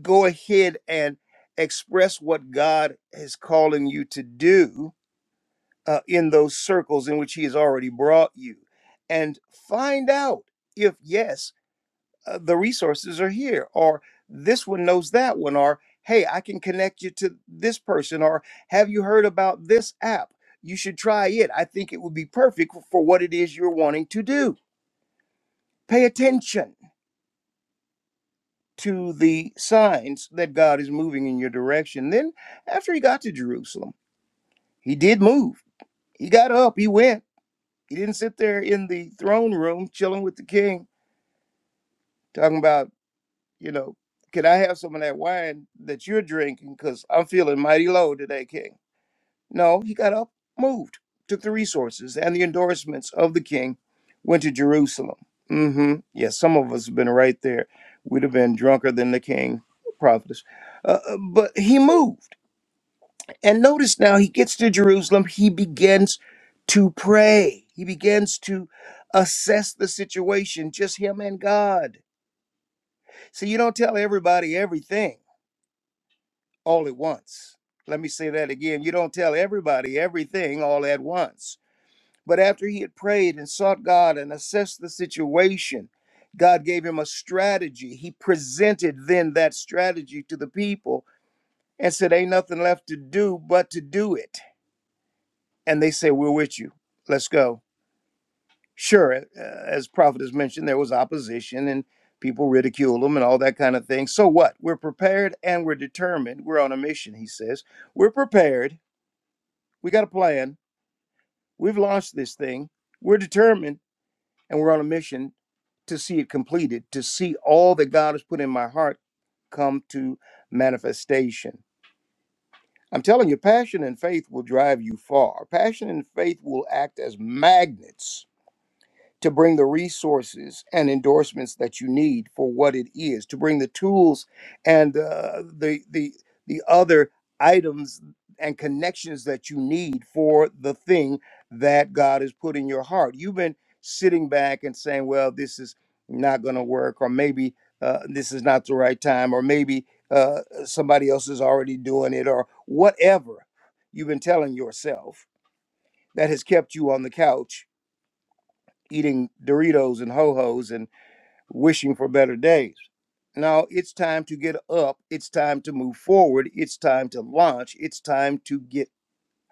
Speaker 2: go ahead and express what God is calling you to do uh, in those circles in which He has already brought you, and find out if yes, uh, the resources are here, or this one knows that one, or hey, I can connect you to this person, or have you heard about this app? You should try it. I think it would be perfect for what it is you're wanting to do. Pay attention to the signs that God is moving in your direction. Then, after he got to Jerusalem, he did move. He got up, he went. He didn't sit there in the throne room chilling with the king, talking about, you know, can I have some of that wine that you're drinking? Because I'm feeling mighty low today, king No, he got up, moved, took the resources and the endorsements of the king, went to Jerusalem. Mm-hmm. Yeah, some of us have been right there. We'd have been drunker than the king, prophetess. Uh, uh, but he moved. And notice now he gets to Jerusalem, he begins to pray. He begins to assess the situation, just him and God. So you don't tell everybody everything all at once. Let me say that again. You don't tell everybody everything all at once But after he had prayed and sought God and assessed the situation, God gave him a strategy. He presented then that strategy to the people and said, Ain't nothing left to do but to do it. And they say, We're with you. Let's go. Sure, uh, as Prophet has mentioned, there was opposition and people ridiculed him and all that kind of thing. So what? We're prepared and we're determined. We're on a mission, he says. We're prepared. We got a plan. We've launched this thing. We're determined and we're on a mission to see it completed, to see all that God has put in my heart come to manifestation. I'm telling you, passion and faith will drive you far. Passion and faith will act as magnets to bring the resources and endorsements that you need for what it is, to bring the tools and uh, the the the other items and connections that you need for the thing that God has put in your heart. You've been sitting back and saying, "Well, this is not going to work," or maybe uh, this is not the right time, or maybe uh, somebody else is already doing it, or whatever you've been telling yourself that has kept you on the couch eating Doritos and Ho Ho's and wishing for better days. Now it's time to get up. It's time to move forward. It's time to launch. It's time to get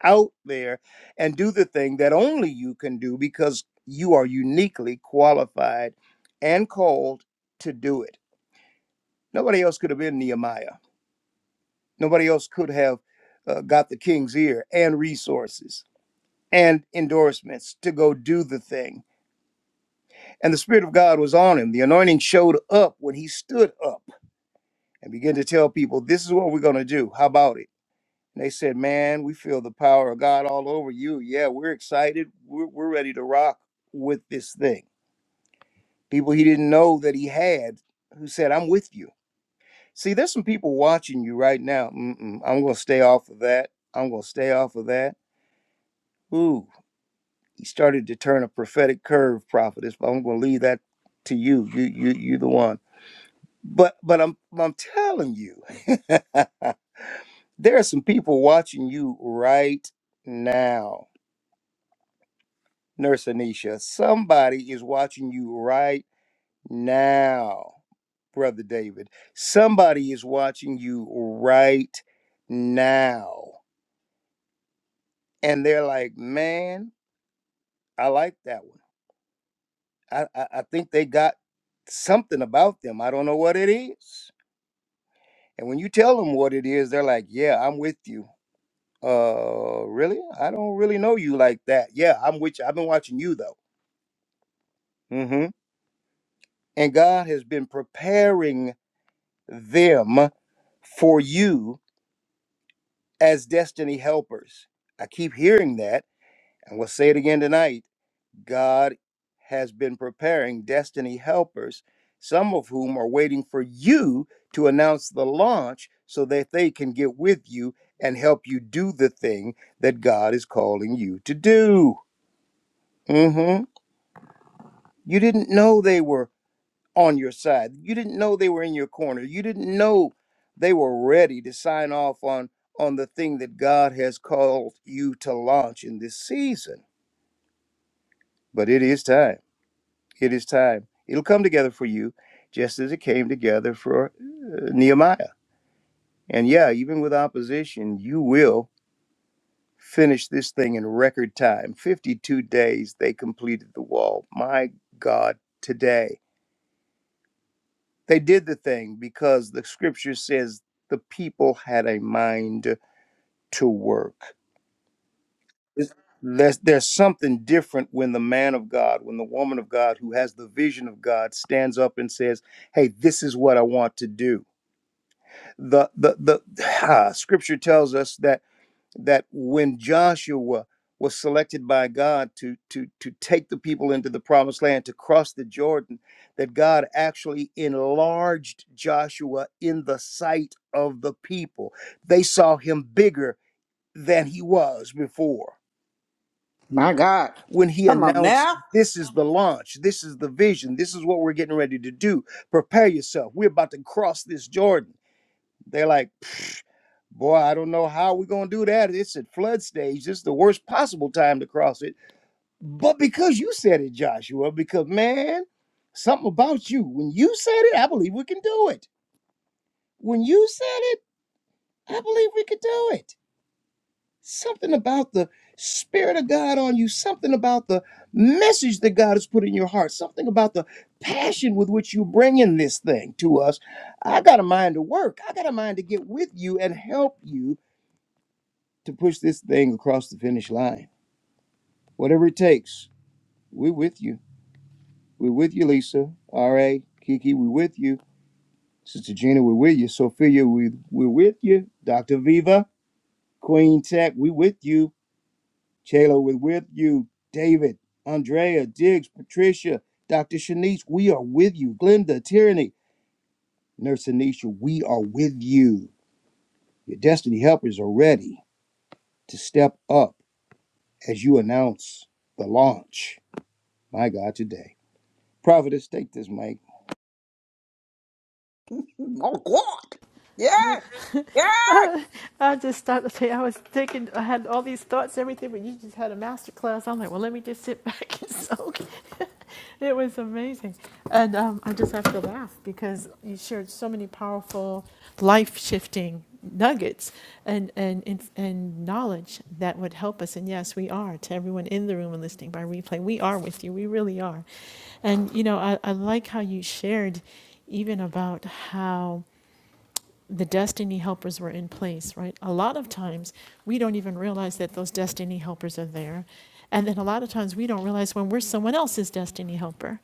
Speaker 2: out there and do the thing that only you can do because you are uniquely qualified and called to do it. Nobody else could have been Nehemiah. Nobody else could have uh, got the king's ear and resources and endorsements to go do the thing And the Spirit of God was on him. The anointing showed up when he stood up and began to tell people, This is what we're going to do. How about it? And they said, Man, we feel the power of God all over you. Yeah, we're excited. We're, we're ready to rock with this thing. People he didn't know that he had who said, I'm with you. See, there's some people watching you right now. Mm-mm, I'm going to stay off of that. I'm going to stay off of that. Ooh, he started to turn a prophetic curve, prophetess, but I'm going to leave that to you. You, you, you, the one. But but I'm I'm telling you, there are some people watching you right now, Nurse Anisha. Somebody is watching you right now, Brother David. Somebody is watching you right now, and they're like, "Man, I like that one. I I, I think they got something about them. I don't know what it is." And when you tell them what it is, they're like, "Yeah, I'm with you." uh really i don't really know you like that yeah i'm with you i've been watching you though hmm and god has been preparing them for you as destiny helpers i keep hearing that and we'll say it again tonight god has been preparing destiny helpers some of whom are waiting for you to announce the launch so that they can get with you and help you do the thing that god is calling you to do Mm-hmm. You didn't know they were on your side. You didn't know they were in your corner. You didn't know they were ready to sign off on on the thing that God has called you to launch in this season. But it is time. It is time. It'll come together for you just as it came together for uh, Nehemiah. And yeah, even with opposition, you will finish this thing in record time. 52 days they completed the wall. My God, today They did the thing because the scripture says the people had a mind to work. It's- There's, there's something different when the man of God, when the woman of God who has the vision of God stands up and says, Hey, this is what I want to do. The, the, the ah, scripture tells us that that when Joshua was selected by God to to to take the people into the promised land to cross the Jordan that God actually enlarged Joshua in the sight of the people they saw him bigger than he was before
Speaker 4: My God.
Speaker 2: when he
Speaker 4: Come on
Speaker 2: announced
Speaker 4: now.
Speaker 2: this is the launch this is the vision this is what we're getting ready to do prepare yourself we're about to cross this Jordan they're like, "Pfft, boy, I don't know how we're going to do that. It's at flood stage. This is the worst possible time to cross it. But because you said it, Joshua, because man, something about you, when you said it, I believe we can do it. When you said it, I believe we could do it. Something about the Spirit of God on you, something about the message that God has put in your heart, something about the passion with which you bring in this thing to us. I got a mind to work. I got a mind to get with you and help you to push this thing across the finish line. Whatever it takes, we're with you. We're with you, Lisa, R.A., Kiki, we're with you. Sister Gina, we're with you. Sophia, we, we're with you. Dr. Viva, Queen Tech, we're with you. Chayla, we're with you. David, Andrea, Diggs, Patricia, Dr. Shanice, we are with you. Glenda, Tyranny, Nurse Anisha, we are with you. Your destiny helpers are ready to step up as you announce the launch. My God, today. Providence, take this, Mike.
Speaker 4: Oh, God. Yes. Yes.
Speaker 1: I I just started to say I was thinking I had all these thoughts, everything, but you just had a master class. I'm like, well, let me just sit back and soak. it was amazing, and um, I just have to laugh because you shared so many powerful, life shifting nuggets and and inf- and knowledge that would help us. And yes, we are to everyone in the room and listening by replay. We are with you. We really are, and you know I, I like how you shared even about how the destiny helpers were in place, right? A lot of times we don't even realize that those destiny helpers are there. And then a lot of times we don't realize when we're someone else's destiny helper.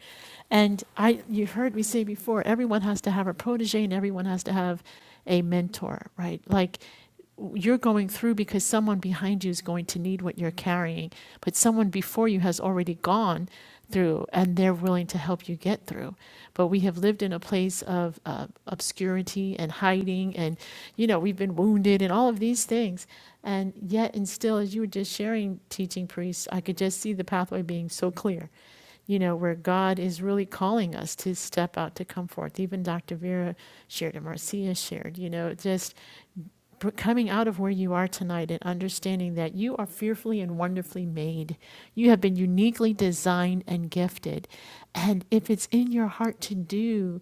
Speaker 1: And I you heard me say before, everyone has to have a protege and everyone has to have a mentor, right? Like you're going through because someone behind you is going to need what you're carrying, but someone before you has already gone through, and they're willing to help you get through. But we have lived in a place of uh, obscurity and hiding, and you know we've been wounded and all of these things, and yet and still, as you were just sharing, teaching priests, I could just see the pathway being so clear you know, where God is really calling us to step out to come forth. Even Dr. Vera shared, and Marcia shared, you know, just coming out of where you are tonight and understanding that you are fearfully and wonderfully made. You have been uniquely designed and gifted. And if it's in your heart to do,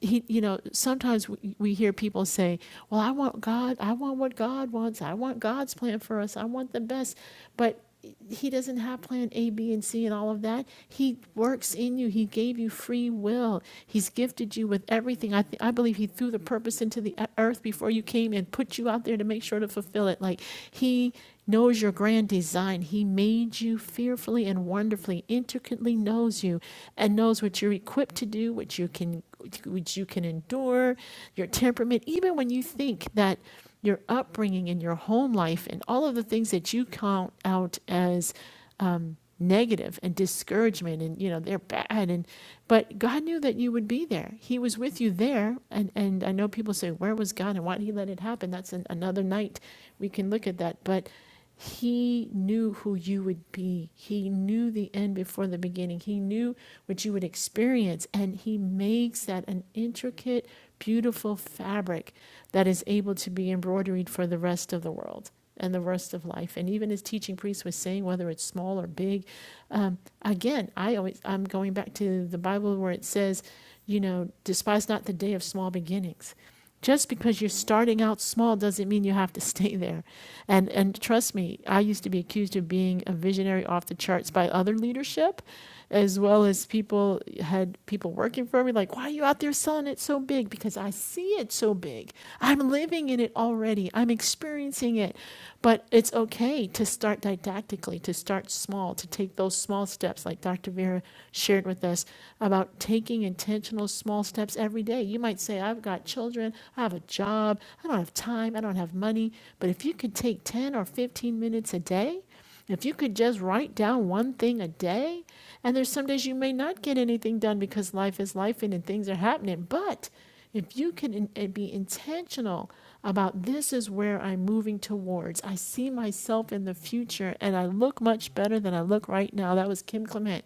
Speaker 1: he, you know, sometimes we, we hear people say, Well, I want God, I want what God wants, I want God's plan for us, I want the best. But he doesn't have plan A, B, and C and all of that. He works in you. He gave you free will. He's gifted you with everything. I, th- I believe he threw the purpose into the e- earth before you came and put you out there to make sure to fulfill it. Like he knows your grand design. He made you fearfully and wonderfully, intricately knows you and knows what you're equipped to do, what you can, what you can endure, your temperament, even when you think that your upbringing and your home life and all of the things that you count out as um, negative and discouragement and you know they're bad and but God knew that you would be there. He was with you there and and I know people say where was God and why did he let it happen? That's an, another night we can look at that. But he knew who you would be. He knew the end before the beginning. He knew what you would experience. And He makes that an intricate, beautiful fabric that is able to be embroidered for the rest of the world and the rest of life. And even as teaching priest was saying, whether it's small or big, um, again, I always I'm going back to the Bible where it says, you know, despise not the day of small beginnings just because you're starting out small doesn't mean you have to stay there and and trust me i used to be accused of being a visionary off the charts by other leadership as well as people had people working for me like why are you out there selling it so big because i see it so big i'm living in it already i'm experiencing it but it's okay to start didactically to start small to take those small steps like dr vera shared with us about taking intentional those small steps every day. You might say, I've got children, I have a job, I don't have time, I don't have money. But if you could take 10 or 15 minutes a day, if you could just write down one thing a day, and there's some days you may not get anything done because life is life and, things are happening, but if you can uh, be intentional about this is where I'm moving towards, I see myself in the future and I look much better than I look right now. That was Kim Clement.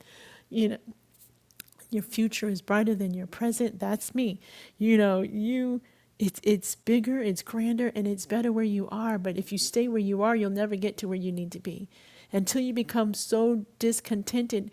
Speaker 1: You know, your future is brighter than your present. That's me. You know, you it's it's bigger, it's grander, and it's better where you are. But if you stay where you are, you'll never get to where you need to be. Until you become so discontented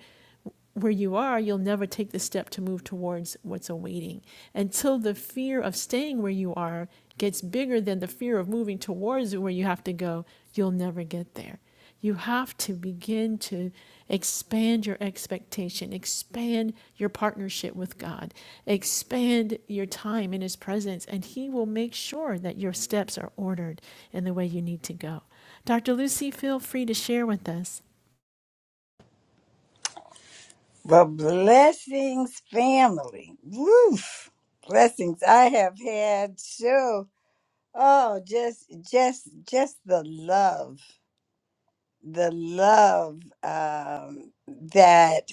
Speaker 1: where you are, you'll never take the step to move towards what's awaiting. Until the fear of staying where you are gets bigger than the fear of moving towards where you have to go, you'll never get there. You have to begin to expand your expectation, expand your partnership with God, expand your time in His presence, and He will make sure that your steps are ordered in the way you need to go. Dr. Lucy, feel free to share with us.
Speaker 5: The blessings family. Woof. Blessings. I have had so oh just just just the love. The love um that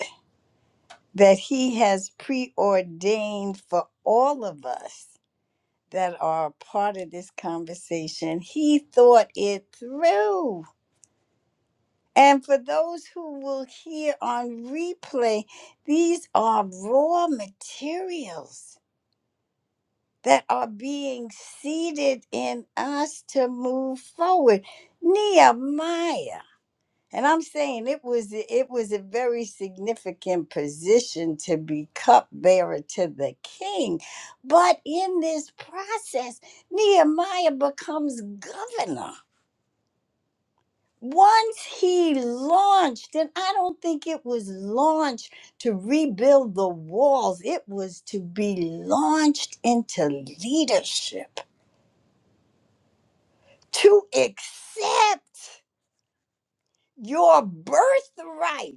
Speaker 5: that he has preordained for all of us that are a part of this conversation. He thought it through. And for those who will hear on replay, these are raw materials that are being seeded in us to move forward. Nehemiah. And I'm saying it was it was a very significant position to be cupbearer to the king. But in this process, Nehemiah becomes governor. Once he launched, and I don't think it was launched to rebuild the walls, it was to be launched into leadership to accept your birthright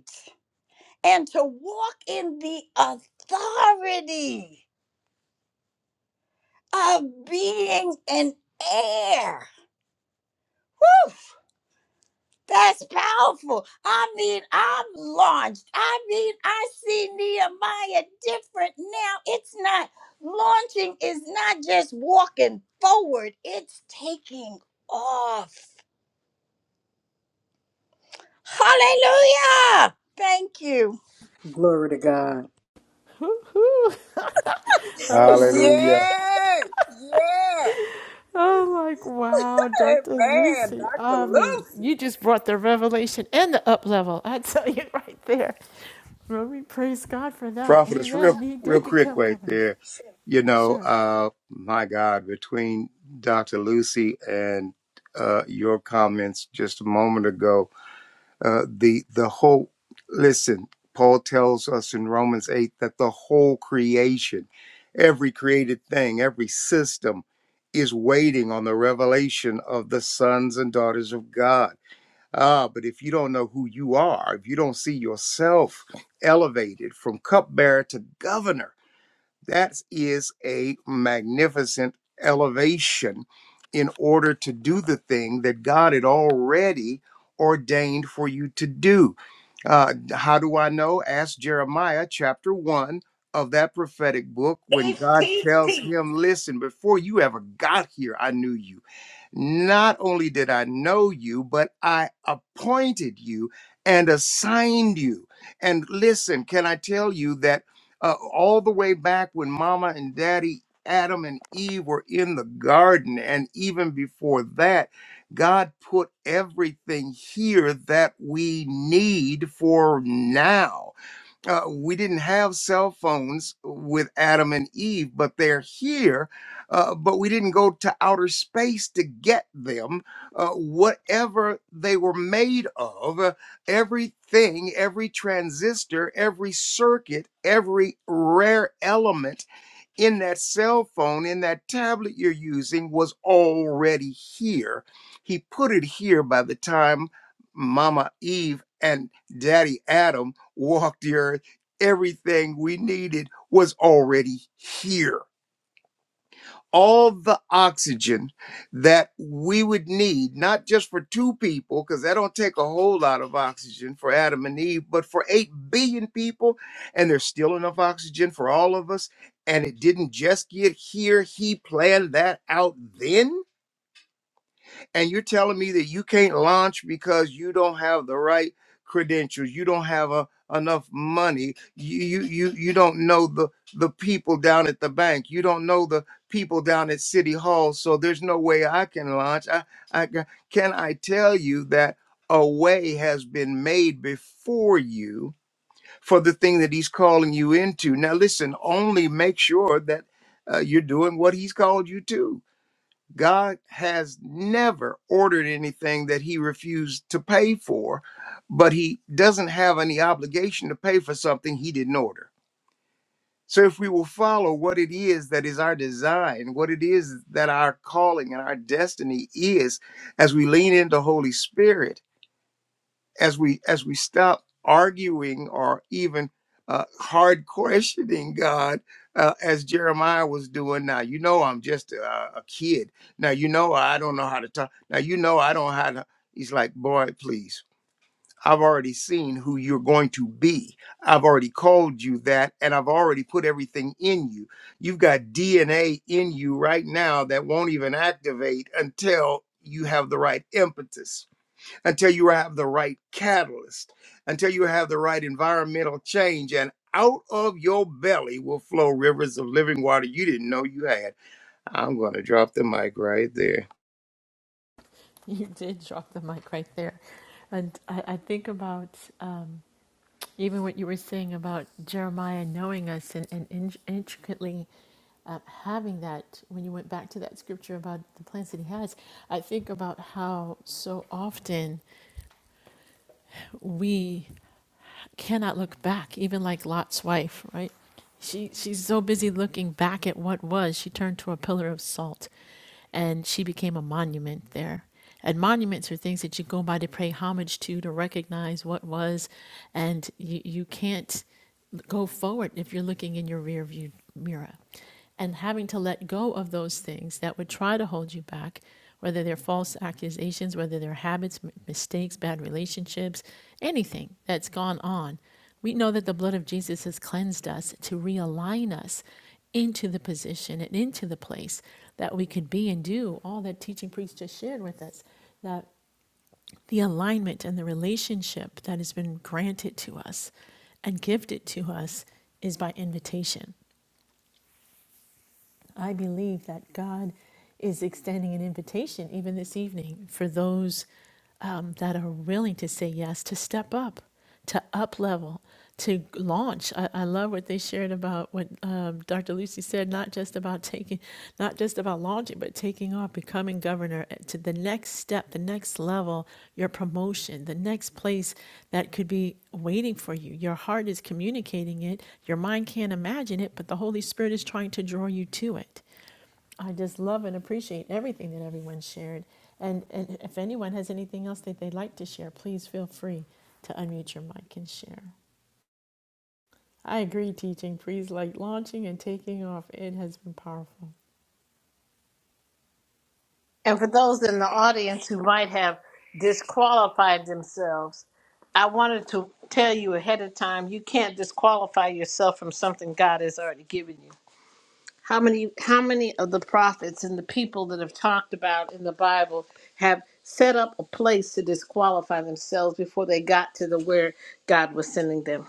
Speaker 5: and to walk in the authority of being an heir. That's powerful. I mean, I'm launched. I mean, I see Nehemiah different now. It's not launching is not just walking forward, it's taking off. Hallelujah. Thank you.
Speaker 4: Glory to God.
Speaker 1: Woo-hoo. that was so cute.
Speaker 2: Hallelujah.
Speaker 4: Yeah, yeah.
Speaker 1: I'm like, wow, Dr.
Speaker 4: Amen,
Speaker 1: Lucy.
Speaker 4: Dr.
Speaker 1: I mean,
Speaker 4: Lucy.
Speaker 1: you just brought the revelation and the up level. I tell you right there. Well, we praise God for that.
Speaker 2: Prophet, real,
Speaker 1: Amen. He
Speaker 2: real
Speaker 1: did
Speaker 2: quick
Speaker 1: become
Speaker 2: right
Speaker 1: governor.
Speaker 2: there. You know,
Speaker 1: Sure.
Speaker 2: uh, my God, between Dr. Lucy and uh, your comments just a moment ago, uh, the the whole listen. Paul tells us in Romans eight that the whole creation, every created thing, every system, is waiting on the revelation of the sons and daughters of God Ah, but if you don't know who you are, if you don't see yourself elevated from cupbearer to governor, that is a magnificent elevation in order to do the thing that God had already ordained for you to do. Uh, how do I know? Ask Jeremiah chapter 1 of that prophetic book when
Speaker 3: Teach,
Speaker 2: God
Speaker 3: teach,
Speaker 2: tells
Speaker 3: teach.
Speaker 2: him, Listen, before you ever got here, I knew you. Not only did I know you, but I appointed you and assigned you. And listen, can I tell you that? uh, all the way back when mama and daddy adam and eve were in the garden and even before that god put everything here that we need for now uh, we didn't have cell phones with Adam and Eve, but they're here. Uh, but we didn't go to outer space to get them. Uh, whatever they were made of, uh, everything, every transistor, every circuit, every rare element in that cell phone, in that tablet you're using, was already here. He put it here by the time Mama Eve and Daddy Adam walked the earth everything we needed was already here. All the oxygen that we would need, not just for two people, because that don't take a whole lot of oxygen for Adam and Eve, but for 8 billion people. And there's still enough oxygen for all of us. And it didn't just get here. He planned that out then and you're telling me that you can't launch because you don't have the right credentials you don't have a, enough money you, you you you don't know the the people down at the bank you don't know the people down at city hall so there's no way i can launch i i ca- can i tell you that a way has been made before you for the thing that he's calling you into now listen only make sure that uh, you're doing what he's called you to God has never ordered anything that he refused to pay for, but he doesn't have any obligation to pay for something he didn't order. So if we will follow what it is that is our design, what it is that our calling and our destiny is as we lean into Holy Spirit, as we as we stop arguing or even uh, hard questioning God, uh, as Jeremiah was doing. Now you know I'm just a, a kid. Now you know I don't know how to talk. Now you know I don't know how to. He's like, boy, please. I've already seen who you're going to be. I've already called you that, and I've already put everything in you. You've got DNA in you right now that won't even activate until you have the right impetus until you have the right catalyst, until you have the right environmental change, and out of your belly will flow rivers of living water you didn't know you had. I'm going to drop the mic right there.
Speaker 1: You did drop the mic right there. And I, I think about um, even what you were saying about Jeremiah knowing us and, and in, intricately uh, having that, when you went back to that scripture about the plans that he has, I think about how so often we cannot look back, even like Lot's wife, right? She she's so busy looking back at what was, she turned to a pillar of salt and she became a monument there. And monuments are things that you go by to pay homage to, to recognize what was, and you, you can't go forward if you're looking in your rear view mirror. And having to let go of those things that would try to hold you back, whether they're false accusations, whether they're habits, mistakes, bad relationships, anything that's gone on we know that the blood of Jesus has cleansed us to realign us into the position and into the place that we could be and do all that teaching priest just shared with us. That the alignment and the relationship that has been granted to us and gifted to us is by invitation. I believe that God is extending an invitation even this evening for those um, that are willing to say yes, to step up, to up level, to launch. I, I love what they shared about what um, Dr. Lucy said, not just about taking not just about launching, but taking off, becoming governor eh, to the next step, the next level, your promotion, the next place that could be waiting for you. Your heart is communicating it, your mind can't imagine it, but the Holy Spirit is trying to draw you to it. I just love and appreciate everything that everyone shared. And, and if anyone has anything else that they'd like to share, please feel free to unmute your mic and share. I agree, teaching. Please like launching and taking off. It has been powerful.
Speaker 3: And for those in the audience who might have disqualified themselves, I wanted to tell you ahead of time you can't disqualify yourself from something God has already given you. How many how many of the prophets and the people that have talked about in the Bible have set up a place to disqualify themselves before they got to the where God was sending them?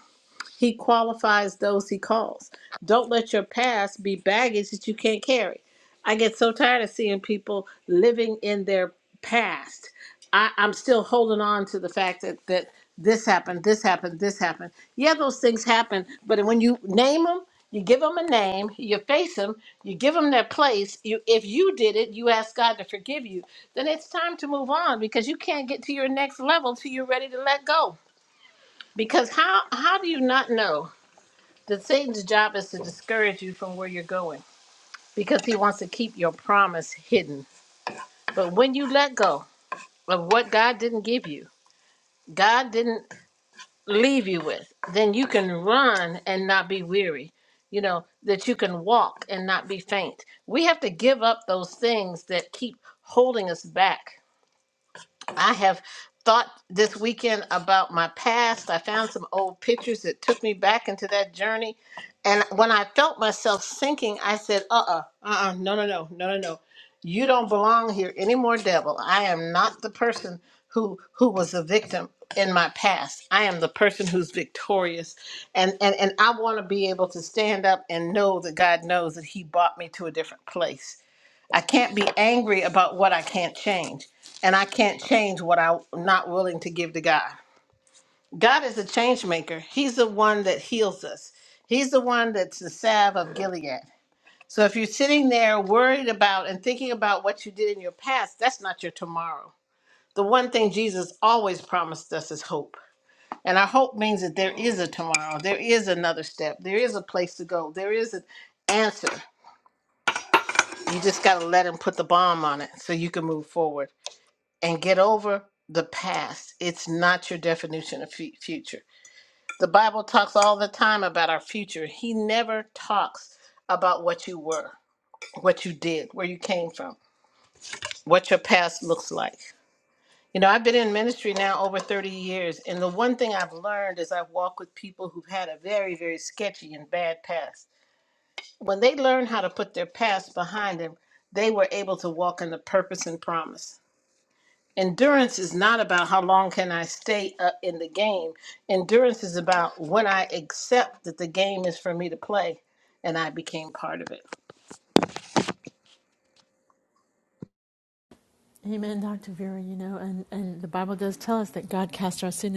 Speaker 3: He qualifies those he calls. Don't let your past be baggage that you can't carry. I get so tired of seeing people living in their past. I, I'm still holding on to the fact that, that this happened, this happened, this happened. Yeah, those things happen, but when you name them, you give them a name, you face them, you give them their place. You, if you did it, you ask God to forgive you. Then it's time to move on because you can't get to your next level till you're ready to let go. Because how how do you not know? The Satan's job is to discourage you from where you're going because he wants to keep your promise hidden. But when you let go of what God didn't give you, God didn't leave you with, then you can run and not be weary. You know, that you can walk and not be faint. We have to give up those things that keep holding us back I have thought this weekend about my past. I found some old pictures that took me back into that journey. And when I felt myself sinking, I said, uh uh-uh, uh, no, no, no, no, no, no. You don't belong here anymore, devil. I am not the person who who was a victim in my past. I am the person who's victorious. And and, and I want to be able to stand up and know that God knows that He brought me to a different place. I can't be angry about what I can't change. And I can't change what I'm not willing to give to God. God is a change maker. He's the one that heals us. He's the one that's the salve of Gilead. So if you're sitting there worried about and thinking about what you did in your past, that's not your tomorrow. The one thing Jesus always promised us is hope. And our hope means that there is a tomorrow, there is another step, there is a place to go, there is an answer. You just got to let Him put the bomb on it so you can move forward. and get over the past. It's not your definition of fu- future. The Bible talks all the time about our future. He never talks about what you were, what you did, where you came from, what your past looks like. You know, I've been in ministry now over 30 years, and the one thing I've learned is I've walked with people who've had a very, very sketchy and bad past. When they learn how to put their past behind them, they were able to walk in the purpose and promise. endurance is not about how long can I stay uh, in the game. Endurance is about when I accept that the game is for me to play and I became part of it.
Speaker 1: Amen, Dr. Vera. You know, and, and the Bible does tell us that God cast our sin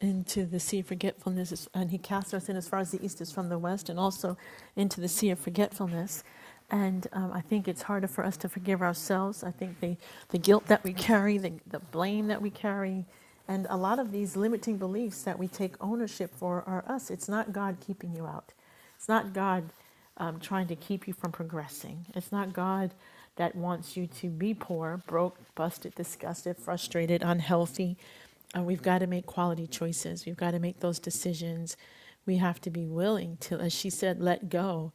Speaker 1: into the sea of forgetfulness, and He cast our sin as far as the east is from the west, and also into the sea of forgetfulness. And um, I think it's harder for us to forgive ourselves. I think the, the guilt that we carry, the, the blame that we carry, and a lot of these limiting beliefs that we take ownership for are us. It's not God keeping you out. It's not God um, trying to keep you from progressing. It's not God that wants you to be poor, broke, busted, disgusted, frustrated, unhealthy. Uh, we've got to make quality choices. We've got to make those decisions. We have to be willing to, as she said, let go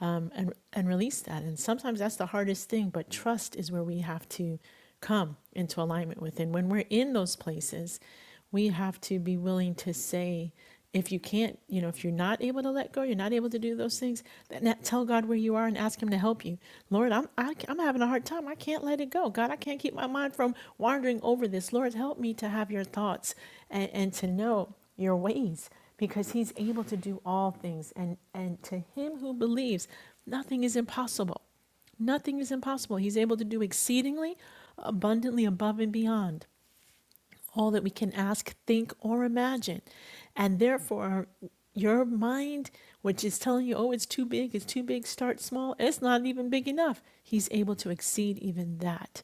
Speaker 1: um, and and release that. And sometimes that's the hardest thing. But trust is where we have to come into alignment with. And when we're in those places, we have to be willing to say, if you can't, you know, if you're not able to let go, you're not able to do those things, then tell God where you are and ask Him to help you. Lord, I'm I, I'm having a hard time. I can't let it go. God, I can't keep my mind from wandering over this. Lord, help me to have your thoughts and, and to know your ways because he's able to do all things and and to him who believes nothing is impossible nothing is impossible he's able to do exceedingly abundantly above and beyond all that we can ask think or imagine and therefore your mind which is telling you oh it's too big it's too big start small it's not even big enough he's able to exceed even that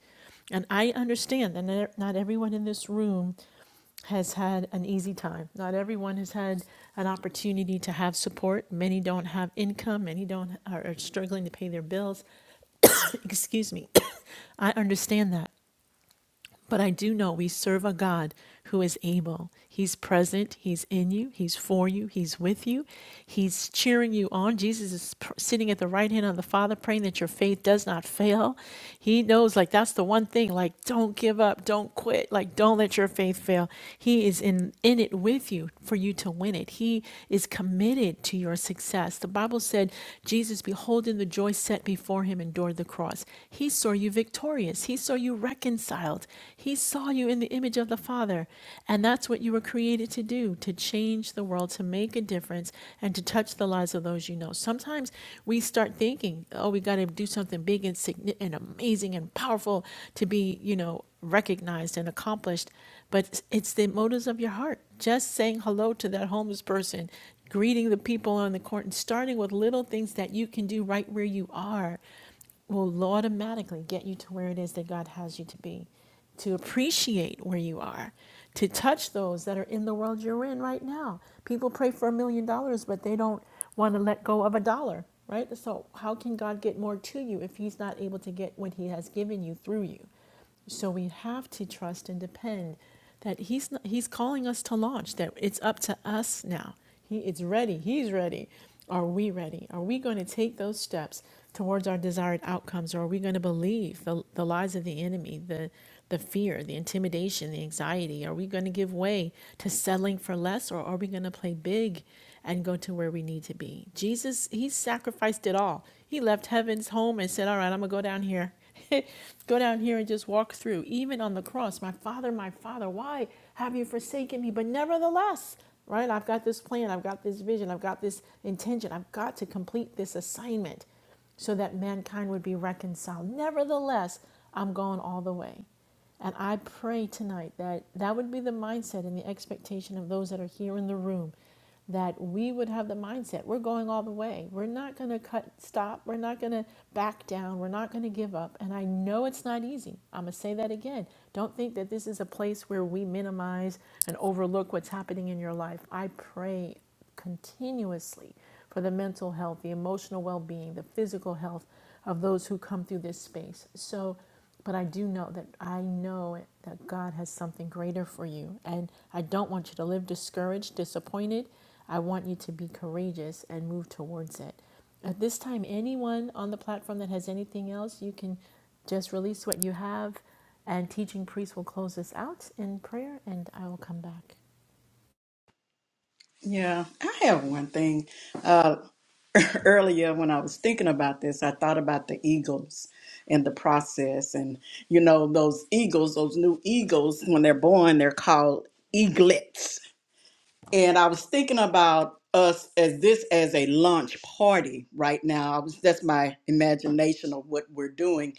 Speaker 1: and I understand that not everyone in this room has had an easy time. Not everyone has had an opportunity to have support. Many don't have income. Many don't are, struggling to pay their bills. Excuse me. I understand that. But I do know we serve a God who is able. He's present. He's in you. He's for you. He's with you. He's cheering you on. Jesus is pr- sitting at the right hand of the Father, praying that your faith does not fail. He knows, like, that's the one thing, like, don't give up. Don't quit. Like, don't let your faith fail. He is in, in it with you for you to win it. He is committed to your success. The Bible said, Jesus, beholding the joy set before him, endured the cross. He saw you victorious victorious. He saw you reconciled. He saw you in the image of the Father. And that's what you were created to do to change the world, to make a difference, and to touch the lives of those you know. Sometimes we start thinking, oh, we got to do something big and, significant, and amazing and powerful to be, you know, recognized and accomplished. But it's the motives of your heart. Just saying hello to that homeless person, greeting the people on the court, and starting with little things that you can do right where you are will automatically get you to where it is that God has you to be, to appreciate where you are, to touch those that are in the world you're in right now. People pray for a million dollars, but they don't want to let go of a dollar, right? So, how can God get more to you if He's not able to get what He has given you through you? So we have to trust and depend that he's not, he's calling us to launch. That it's up to us now. He it's ready. He's ready. Are we ready? Are we going to take those steps towards our desired outcomes, or are we going to believe the, the lies of the enemy, the the fear, the intimidation, the anxiety? Are we going to give way to settling for less, or are we going to play big and go to where we need to be? Jesus, he sacrificed it all. He left heaven's home and said, "All right, I'm gonna go down here." Go down here and just walk through. Even on the cross, my father, my father, why have you forsaken me? But nevertheless, right? I've got this plan, I've got this vision, I've got this intention, I've got to complete this assignment so that mankind would be reconciled. Nevertheless, I'm going all the way. And I pray tonight that that would be the mindset and the expectation of those that are here in the room that we would have the mindset we're going all the way. We're not going to cut stop. We're not going to back down. We're not going to give up. And I know it's not easy. I'm going to say that again. Don't think that this is a place where we minimize and overlook what's happening in your life. I pray continuously for the mental health, the emotional well being, the physical health of those who come through this space. So but I do know that I know it- that God has something greater for you. And I don't want you to live discouraged, disappointed. I want you to be courageous and move towards it. At this time, anyone on the platform that has anything else, you can just release what you have. And teaching priest will close us out in prayer, and I will come back.
Speaker 4: Yeah, I have one thing. Uh, earlier, when I was thinking about this, I thought about the eagles and the process. And, you know, those eagles, those new eagles, when they're born, they're called eaglets. and I was thinking about us as this as a lunch party right now. I was that's my imagination of what we're doing.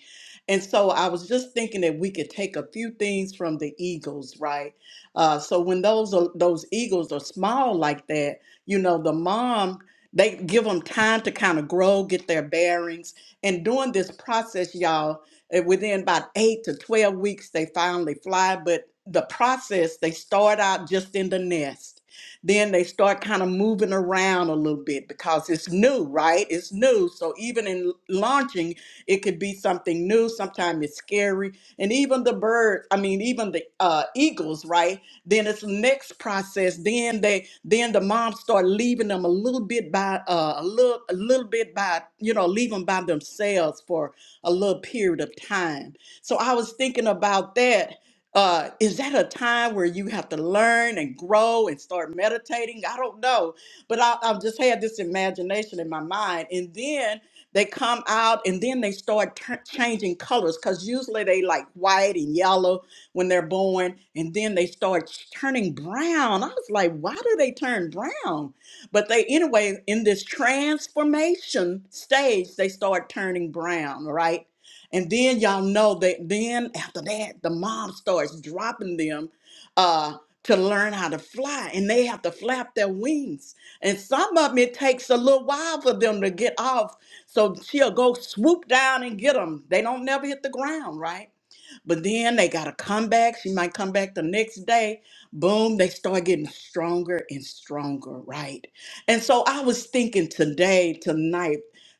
Speaker 4: And so I was just thinking that we could take a few things from the eagles, right? Uh, so when those are, those eagles are small like that, you know, the mom they give them time to kind of grow, get their bearings, and during this process, y'all, eh, within about eight to twelve weeks, they finally fly. But the process, they start out just in the nest then they start kind of moving around a little bit because it's new, right? It's new. So even in launching, it could be something new. Sometimes it's scary. And even the birds, I mean, even the uh, eagles, right? Then it's the next process. Then they, then the moms start leaving them a little bit by, uh, a little, a little bit by, you know, leave them by themselves for a little period of time. So I was thinking about that uh, is that a time where you have to learn and grow and start meditating? I don't know, but I, I've just had this imagination in my mind, and then they come out and then they start tur- changing colors because usually they like white and yellow when they're born, and then they start turning brown. I was like, why do they turn brown? But they anyway in this transformation stage, they start turning brown, right? And then y'all know that then after that, the mom starts dropping them uh, to learn how to fly, and they have to flap their wings. And some of them, it takes a little while for them to get off. So she'll go swoop down and get them. They don't never hit the ground, right? But then they got to come back. She might come back the next day. Boom, they start getting stronger and stronger, right? And so I was thinking today, tonight,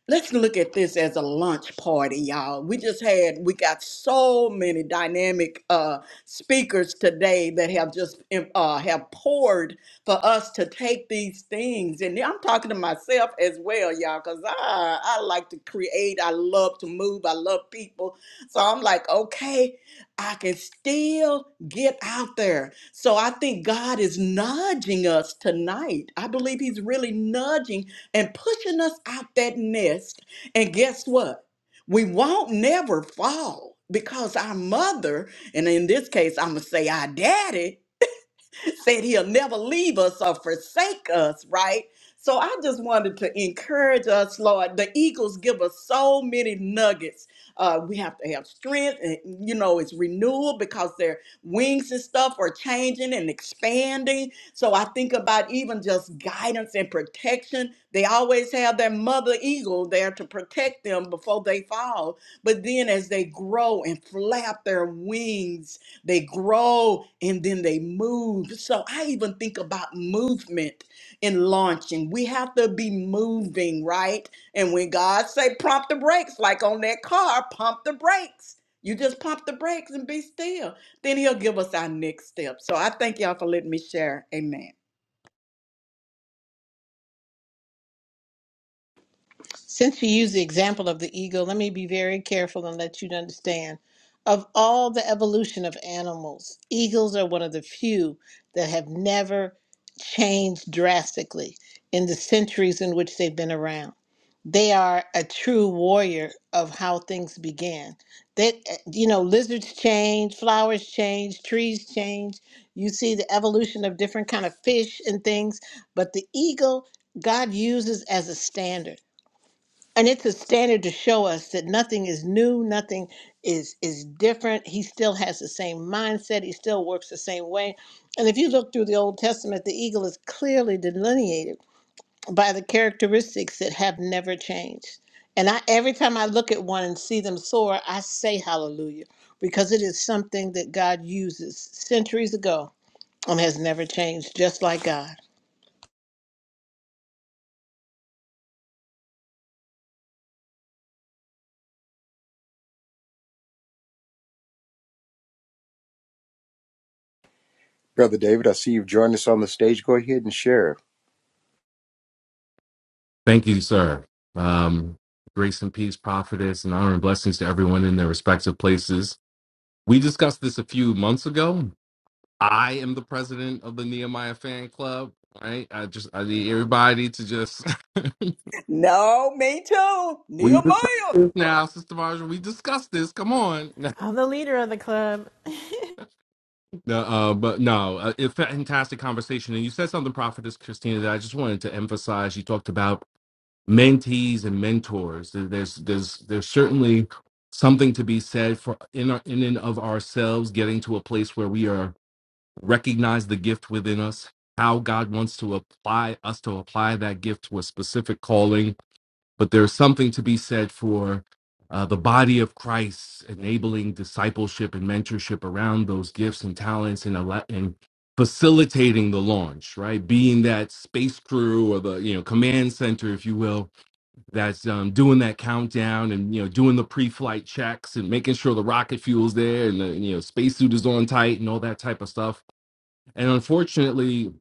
Speaker 4: let's look at this as a lunch party, y'all. We just had, we got so many dynamic uh, speakers today that have just uh, have poured for us to take these things. And I'm talking to myself as well, y'all, because I, I like to create. I love to move. I love people. So I'm like, okay, I can still get out there. So I think God is nudging us tonight. I believe He's really nudging and pushing us out that nest. And guess what? We won't never fall because our mother, and in this case, I'm going to say our daddy, said he'll never leave us or forsake us, right? So I just wanted to encourage us, Lord. The Eagles give us so many nuggets. Uh, we have to have strength, and you know, it's renewal because their wings and stuff are changing and expanding. So I think about even just guidance and protection. They always have their mother eagle there to protect them before they fall. But then as they grow and flap their wings they grow and then they move. So I even think about movement in launching. We have to be moving, right? And when God say pump the brakes, like on that car, pump the brakes. You just pump the brakes and be still. Then he'll give us our next step. So I thank y'all for letting me share. Amen.
Speaker 3: Since we use the example of the eagle, let me be very careful and let you understand. Of all the evolution of animals, eagles are one of the few that have never changed drastically in the centuries in which they've been around. They are a true warrior of how things began. That you know, lizards change, flowers change, trees change. You see the evolution of different kind of fish and things, but the eagle God uses as a standard and it's a standard to show us that nothing is new nothing is is different he still has the same mindset he still works the same way and if you look through the old testament the eagle is clearly delineated by the characteristics that have never changed and i every time i look at one and see them soar i say hallelujah because it is something that god uses centuries ago and has never changed just like god
Speaker 2: Brother David, I see you've joined us on the stage. Go ahead and share.
Speaker 6: Thank you, sir. Um, grace and peace, prophetess, and honor and blessings to everyone in their respective places. We discussed this a few months ago. I am the president of the Nehemiah Fan Club. Right? I just I need everybody to just
Speaker 4: No, me too.
Speaker 6: we discussed
Speaker 4: Nehemiah.
Speaker 6: this now, Sister Marjorie. We discussed this. Come on.
Speaker 1: I'm the leader of the club.
Speaker 6: No, uh, but no, uh, it fantastic conversation. And you said something, prophetess Christina, that I just wanted to emphasize. You talked about mentees and mentors. There- There's there's there's certainly something to be said for in our, in and of ourselves getting to a place where we are recognize the gift within us, how God wants to apply us to apply that gift to a specific calling. But there's something to be said for uh, the body of Christ enabling discipleship and mentorship around those gifts and talents and alle- and facilitating the launch, right? Being that space crew or the you know command center, if you will, that's um, doing that countdown and you know doing the pre-flight checks and making sure the rocket fuel's there and the you know spacesuit is on tight and all that type of stuff. And unfortunately,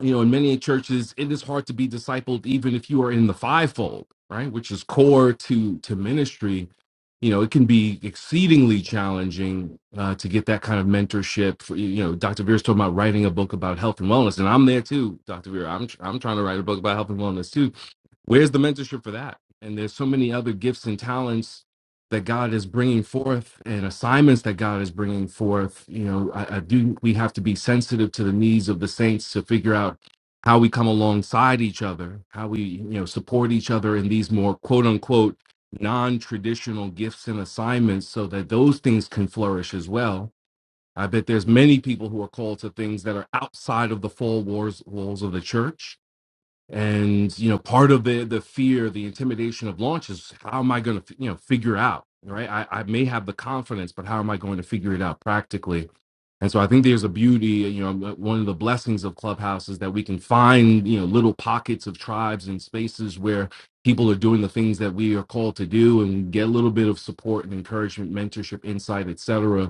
Speaker 6: you know, in many churches, it is hard to be discipled even if you are in the fivefold, right? Which is core to to ministry. You know, it can be exceedingly challenging uh, to get that kind of mentorship. For, you know, Dr. Veer's talking about writing a book about health and wellness, and I'm there too, Dr. Veer. I'm I'm trying to write a book about health and wellness too where's the mentorship for that and there's so many other gifts and talents that god is bringing forth and assignments that god is bringing forth you know i, I do we have to be sensitive to the needs of the saints to figure out how we come alongside each other how we you know support each other in these more quote unquote non-traditional gifts and assignments so that those things can flourish as well i bet there's many people who are called to things that are outside of the four walls walls of the church and you know part of the the fear the intimidation of launch is how am i going to you know figure out right I, I may have the confidence but how am i going to figure it out practically and so i think there's a beauty you know uh, one of the blessings of clubhouse is that we can find you know little pockets of tribes and spaces where people are doing the things that we are called to do and get a little bit of support and encouragement mentorship insight etc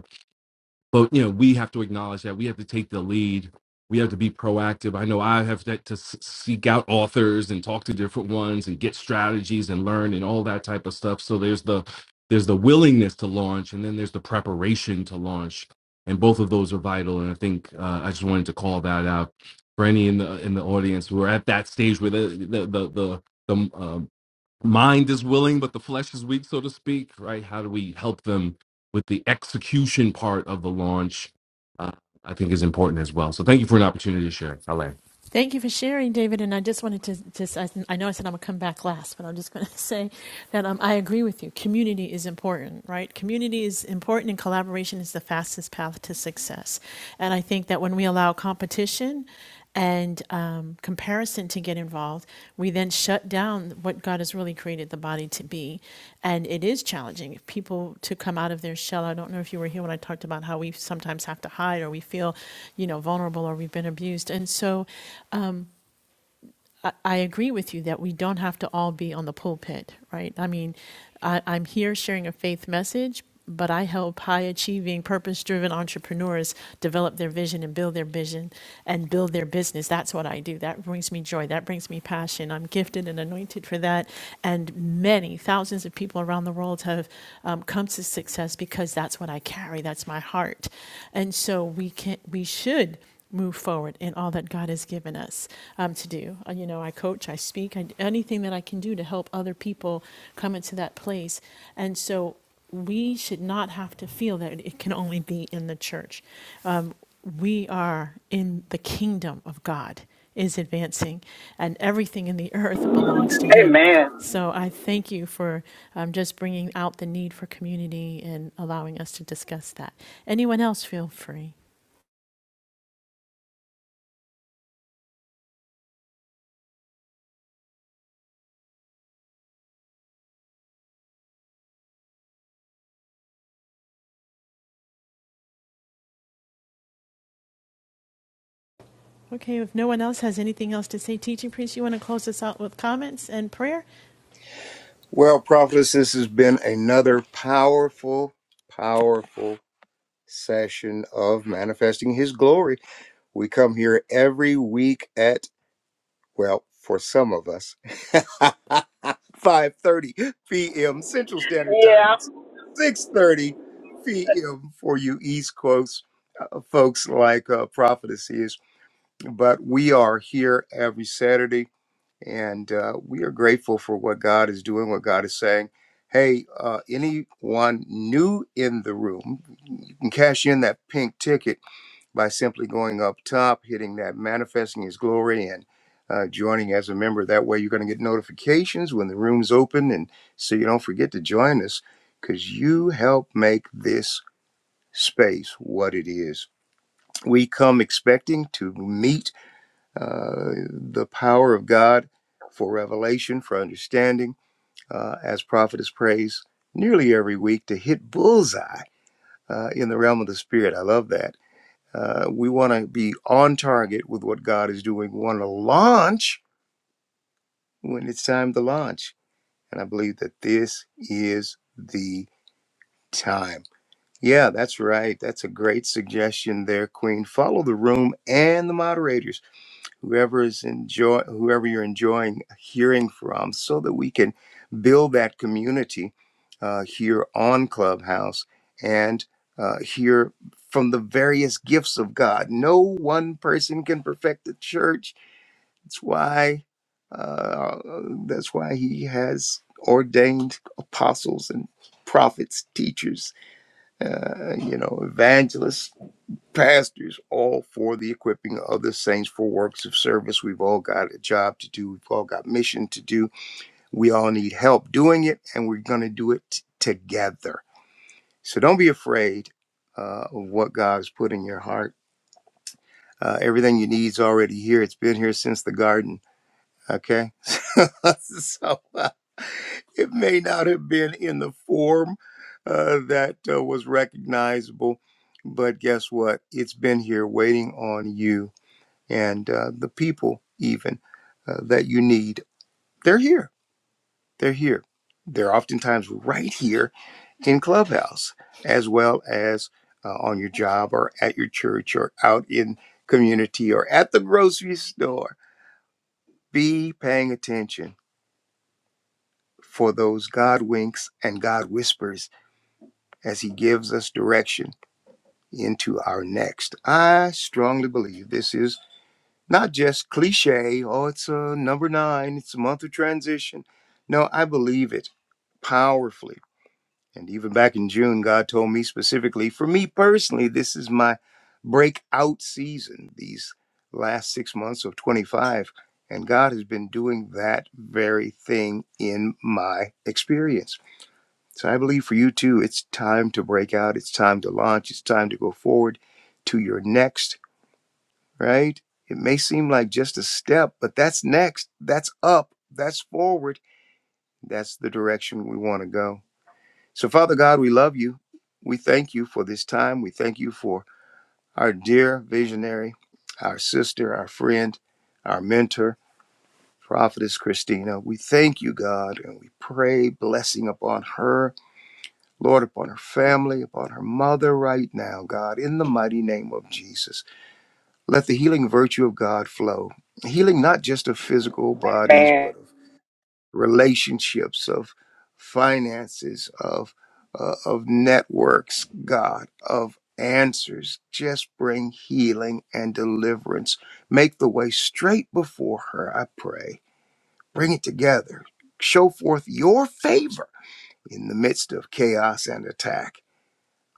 Speaker 6: but you know we have to acknowledge that we have to take the lead we have to be proactive i know i have that to s- seek out authors and talk to different ones and get strategies and learn and all that type of stuff so there's the there's the willingness to launch and then there's the preparation to launch and both of those are vital and i think uh, i just wanted to call that out for any in the in the audience who are at that stage where the the the, the the, um, mind is willing but the flesh is weak so to speak right how do we help them with the execution part of the launch uh, i think is important as well so thank you for an opportunity to share Alain.
Speaker 1: Thank you for sharing, David. And I just wanted to just, I, I know I said I'm going to come back last, but I'm just going to say that um, I agree with you. Community is important, right? Community is important, and collaboration is the fastest path to success. And I think that when we allow competition, and um, comparison to get involved, we then shut down what God has really created the body to be. And it is challenging people to come out of their shell. I don't know if you were here when I talked about how we sometimes have to hide or we feel, you know, vulnerable or we've been abused. And so I, I agree with you that we don't have to all be on the pulpit, right? I mean, I, I'm here sharing a faith message, but I help high achieving, purpose driven entrepreneurs develop their vision and build their vision and build their business. That's what I do. That brings me joy. That brings me passion. I'm gifted and anointed for that. And many thousands of people around the world have um, come to success because that's what I carry. That's my heart. And so we can, we should move forward in all that God has given us um, to do. Uh, You know, I coach, I speak, I, anything that I can do to help other people come into that place. And so we should not have to feel that it can only be in the church. Um, we are in the kingdom of God is advancing, and everything in the earth belongs to Him. So I thank you for um, just bringing out the need for community and allowing us to discuss that. Anyone else, feel free. Okay, if no one else has anything else to say, teaching priest, you want to close us out with comments and prayer?
Speaker 2: Well, prophets, this has been another powerful, powerful session of manifesting his glory. We come here every week at Well, for some of us, 5:30 p.m. Central Standard Time. It's 6:30 p.m. for you East Coast uh, folks like uh, Prophetess is. But we are here every Saturday, and uh, we are grateful for what God is doing, what God is saying. Hey, uh, anyone new in the room, you can cash in that pink ticket by simply going up top, hitting that manifesting his glory and uh, joining as a member. That way, you're going to get notifications when the room's open. And so you don't forget to join us because you help make this space what it is. We come expecting to meet uh, the power of God for revelation, for understanding, uh, as prophetess prays nearly every week to hit bullseye uh, in the realm of the spirit. I love that uh, we want to be on target with what God is doing. We want to launch when it's time to launch. And I believe that this is the time. Yeah, that's right. That's a great suggestion there, Queen. Follow the room and the moderators whoever is enjoy whoever you're enjoying hearing from so that we can build that community uh, here on clubhouse and uh, hear from the various gifts of god no one person can perfect the church that's why uh, that's why he has ordained apostles and prophets teachers uh, you know evangelists pastors, all for the equipping of the saints for works of service. We've all got a job to do. We've all got mission to do. We all need help doing it, and we're going to do it t- together. So don't be afraid uh, of what God's put in your heart. Uh, everything you need is already here. It's been here since the garden. Okay, so uh, it may not have been in the form uh, that uh, was recognizable, but guess what? It's been here waiting on you and uh, the people even uh, that you need they're here they're here they're oftentimes right here in clubhouse as well as uh, on your job or at your church or out in community or at the grocery store be paying attention for those god winks and god whispers as he gives us direction into our next i strongly believe this is not just cliche, oh, it's a number nine, it's a month of transition. No, I believe it powerfully. And even back in June, God told me specifically, for me personally, this is my breakout season, these last six months of 25. And God has been doing that very thing in my experience. So I believe for you too, it's time to break out, it's time to launch, it's time to go forward to your next right? It may seem like just a step, but that's next. That's up. That's forward. That's the direction we want to go. So, Father God, we love you. We thank you for this time. We thank you for our dear visionary, our sister, our friend, our mentor, Prophetess Christina. We thank you, God, and we pray blessing upon her, Lord, upon her family, upon her mother right now, God, in the mighty name of Jesus. Let the healing virtue of God flow. Healing not just of physical bodies, but of relationships, of finances, of uh, of networks, God, of answers. Just bring healing and deliverance. Make the way straight before her, I pray. Bring it together. Show forth your favor in the midst of chaos and attack.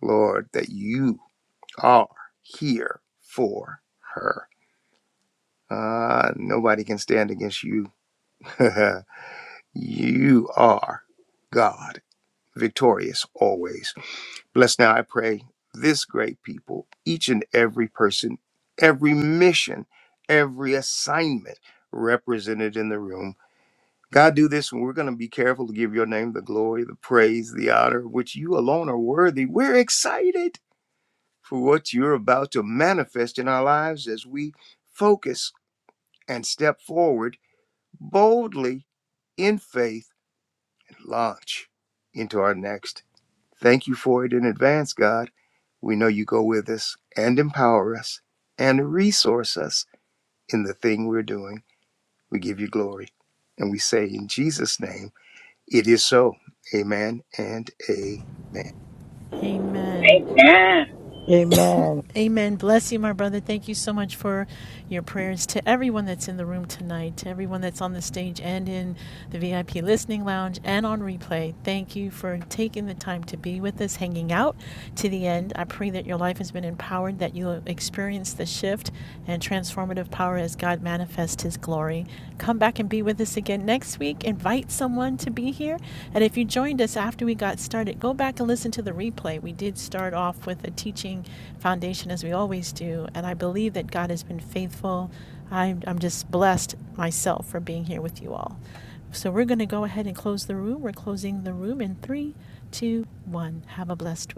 Speaker 2: Lord, that you are here for her. Ah, nobody can stand against you. you are God, victorious always. Bless now, I pray, this great people, each and every person, every mission, every assignment represented in the room. God, do this, and we're going to be careful to give your name the glory, the praise, the honor, which you alone are worthy. We're excited for what you're about to manifest in our lives as we focus and step forward boldly in faith and launch into our next. Thank you for it in advance, God. We know you go with us and empower us and resource us in the thing we're doing. We give you glory. And we say in Jesus' name, it is so. Amen and amen.
Speaker 1: Amen.
Speaker 4: Yeah.
Speaker 5: Amen.
Speaker 1: Amen. Bless you, my brother. Thank you so much for your prayers to everyone that's in the room tonight, to everyone that's on the stage and in the VIP listening lounge and on replay. Thank you for taking the time to be with us, hanging out to the end. I pray that your life has been empowered, that you'll experience the shift and transformative power as God manifests his glory. Come back and be with us this again next week. Invite someone to be here. And if you joined us after we got started, go back and listen to the replay. We did start off with a teaching foundation, as we always do. And I believe that God has been faithful. I'm, I'm just blessed myself for being here with you all. So we're going to go ahead and close the room. We're closing the room in three, two, one. Have a blessed week.